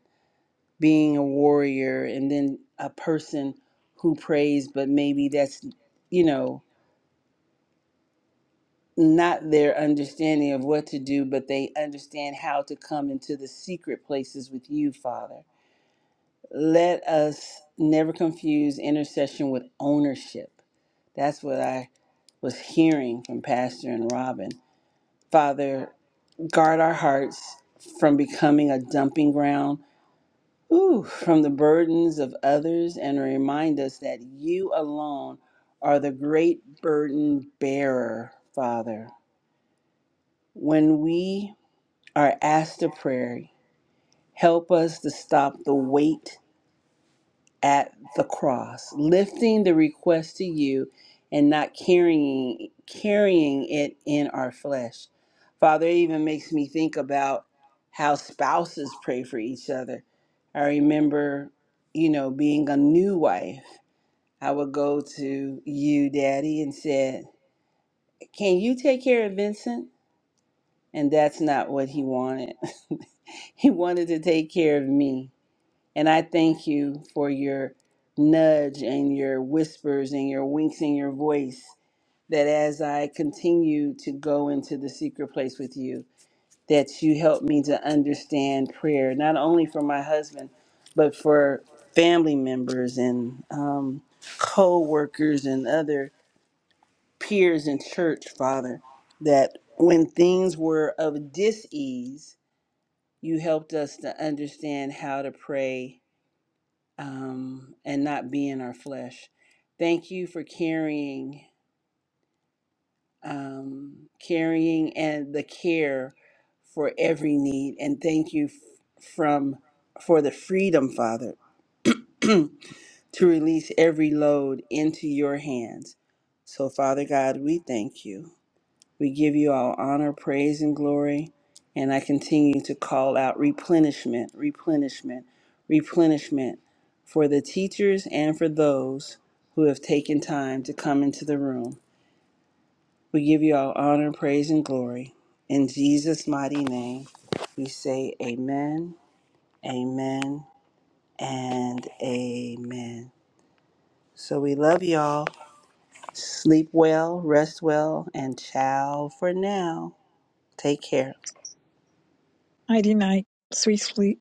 Speaker 1: being a warrior, and then a person who prays, but maybe that's you know not their understanding of what to do, but they understand how to come into the secret places with you, Father. Let us never confuse intercession with ownership. That's what I was hearing from Pastor and Robin. Father, guard our hearts from becoming a dumping ground, ooh, from the burdens of others, and remind us that you alone are the great burden bearer, Father. When we Our Asta prayer help us to stop the weight at the cross, lifting the request to you and not carrying carrying it in our flesh. Father, it even makes me think about how spouses pray for each other. I remember, you know, being a new wife, I would go to you, Daddy, and said, Can you take care of Vincent? And that's not what he wanted. he wanted to take care of me. And I thank you for your nudge and your whispers and your winks and your voice that as I continue to go into the secret place with you, that you help me to understand prayer, not only for my husband, but for family members and um, co workers and other peers in church, Father, that when things were of dis ease, you helped us to understand how to pray um, and not being our flesh. Thank you for carrying, um, carrying and the care for every need, and thank you f- from for the freedom, Father, to release every load into your hands. So, Father God, we thank you. We give you all honor, praise, and glory. And I continue to call out replenishment, replenishment, replenishment for the teachers and for those who have taken time to come into the room. We give you all honor, praise, and glory. In Jesus' mighty name, we say amen, amen, and amen. So we love y'all. Sleep well, rest well, and ciao for now. Take care.
Speaker 4: Nighty night. Sweet sleep.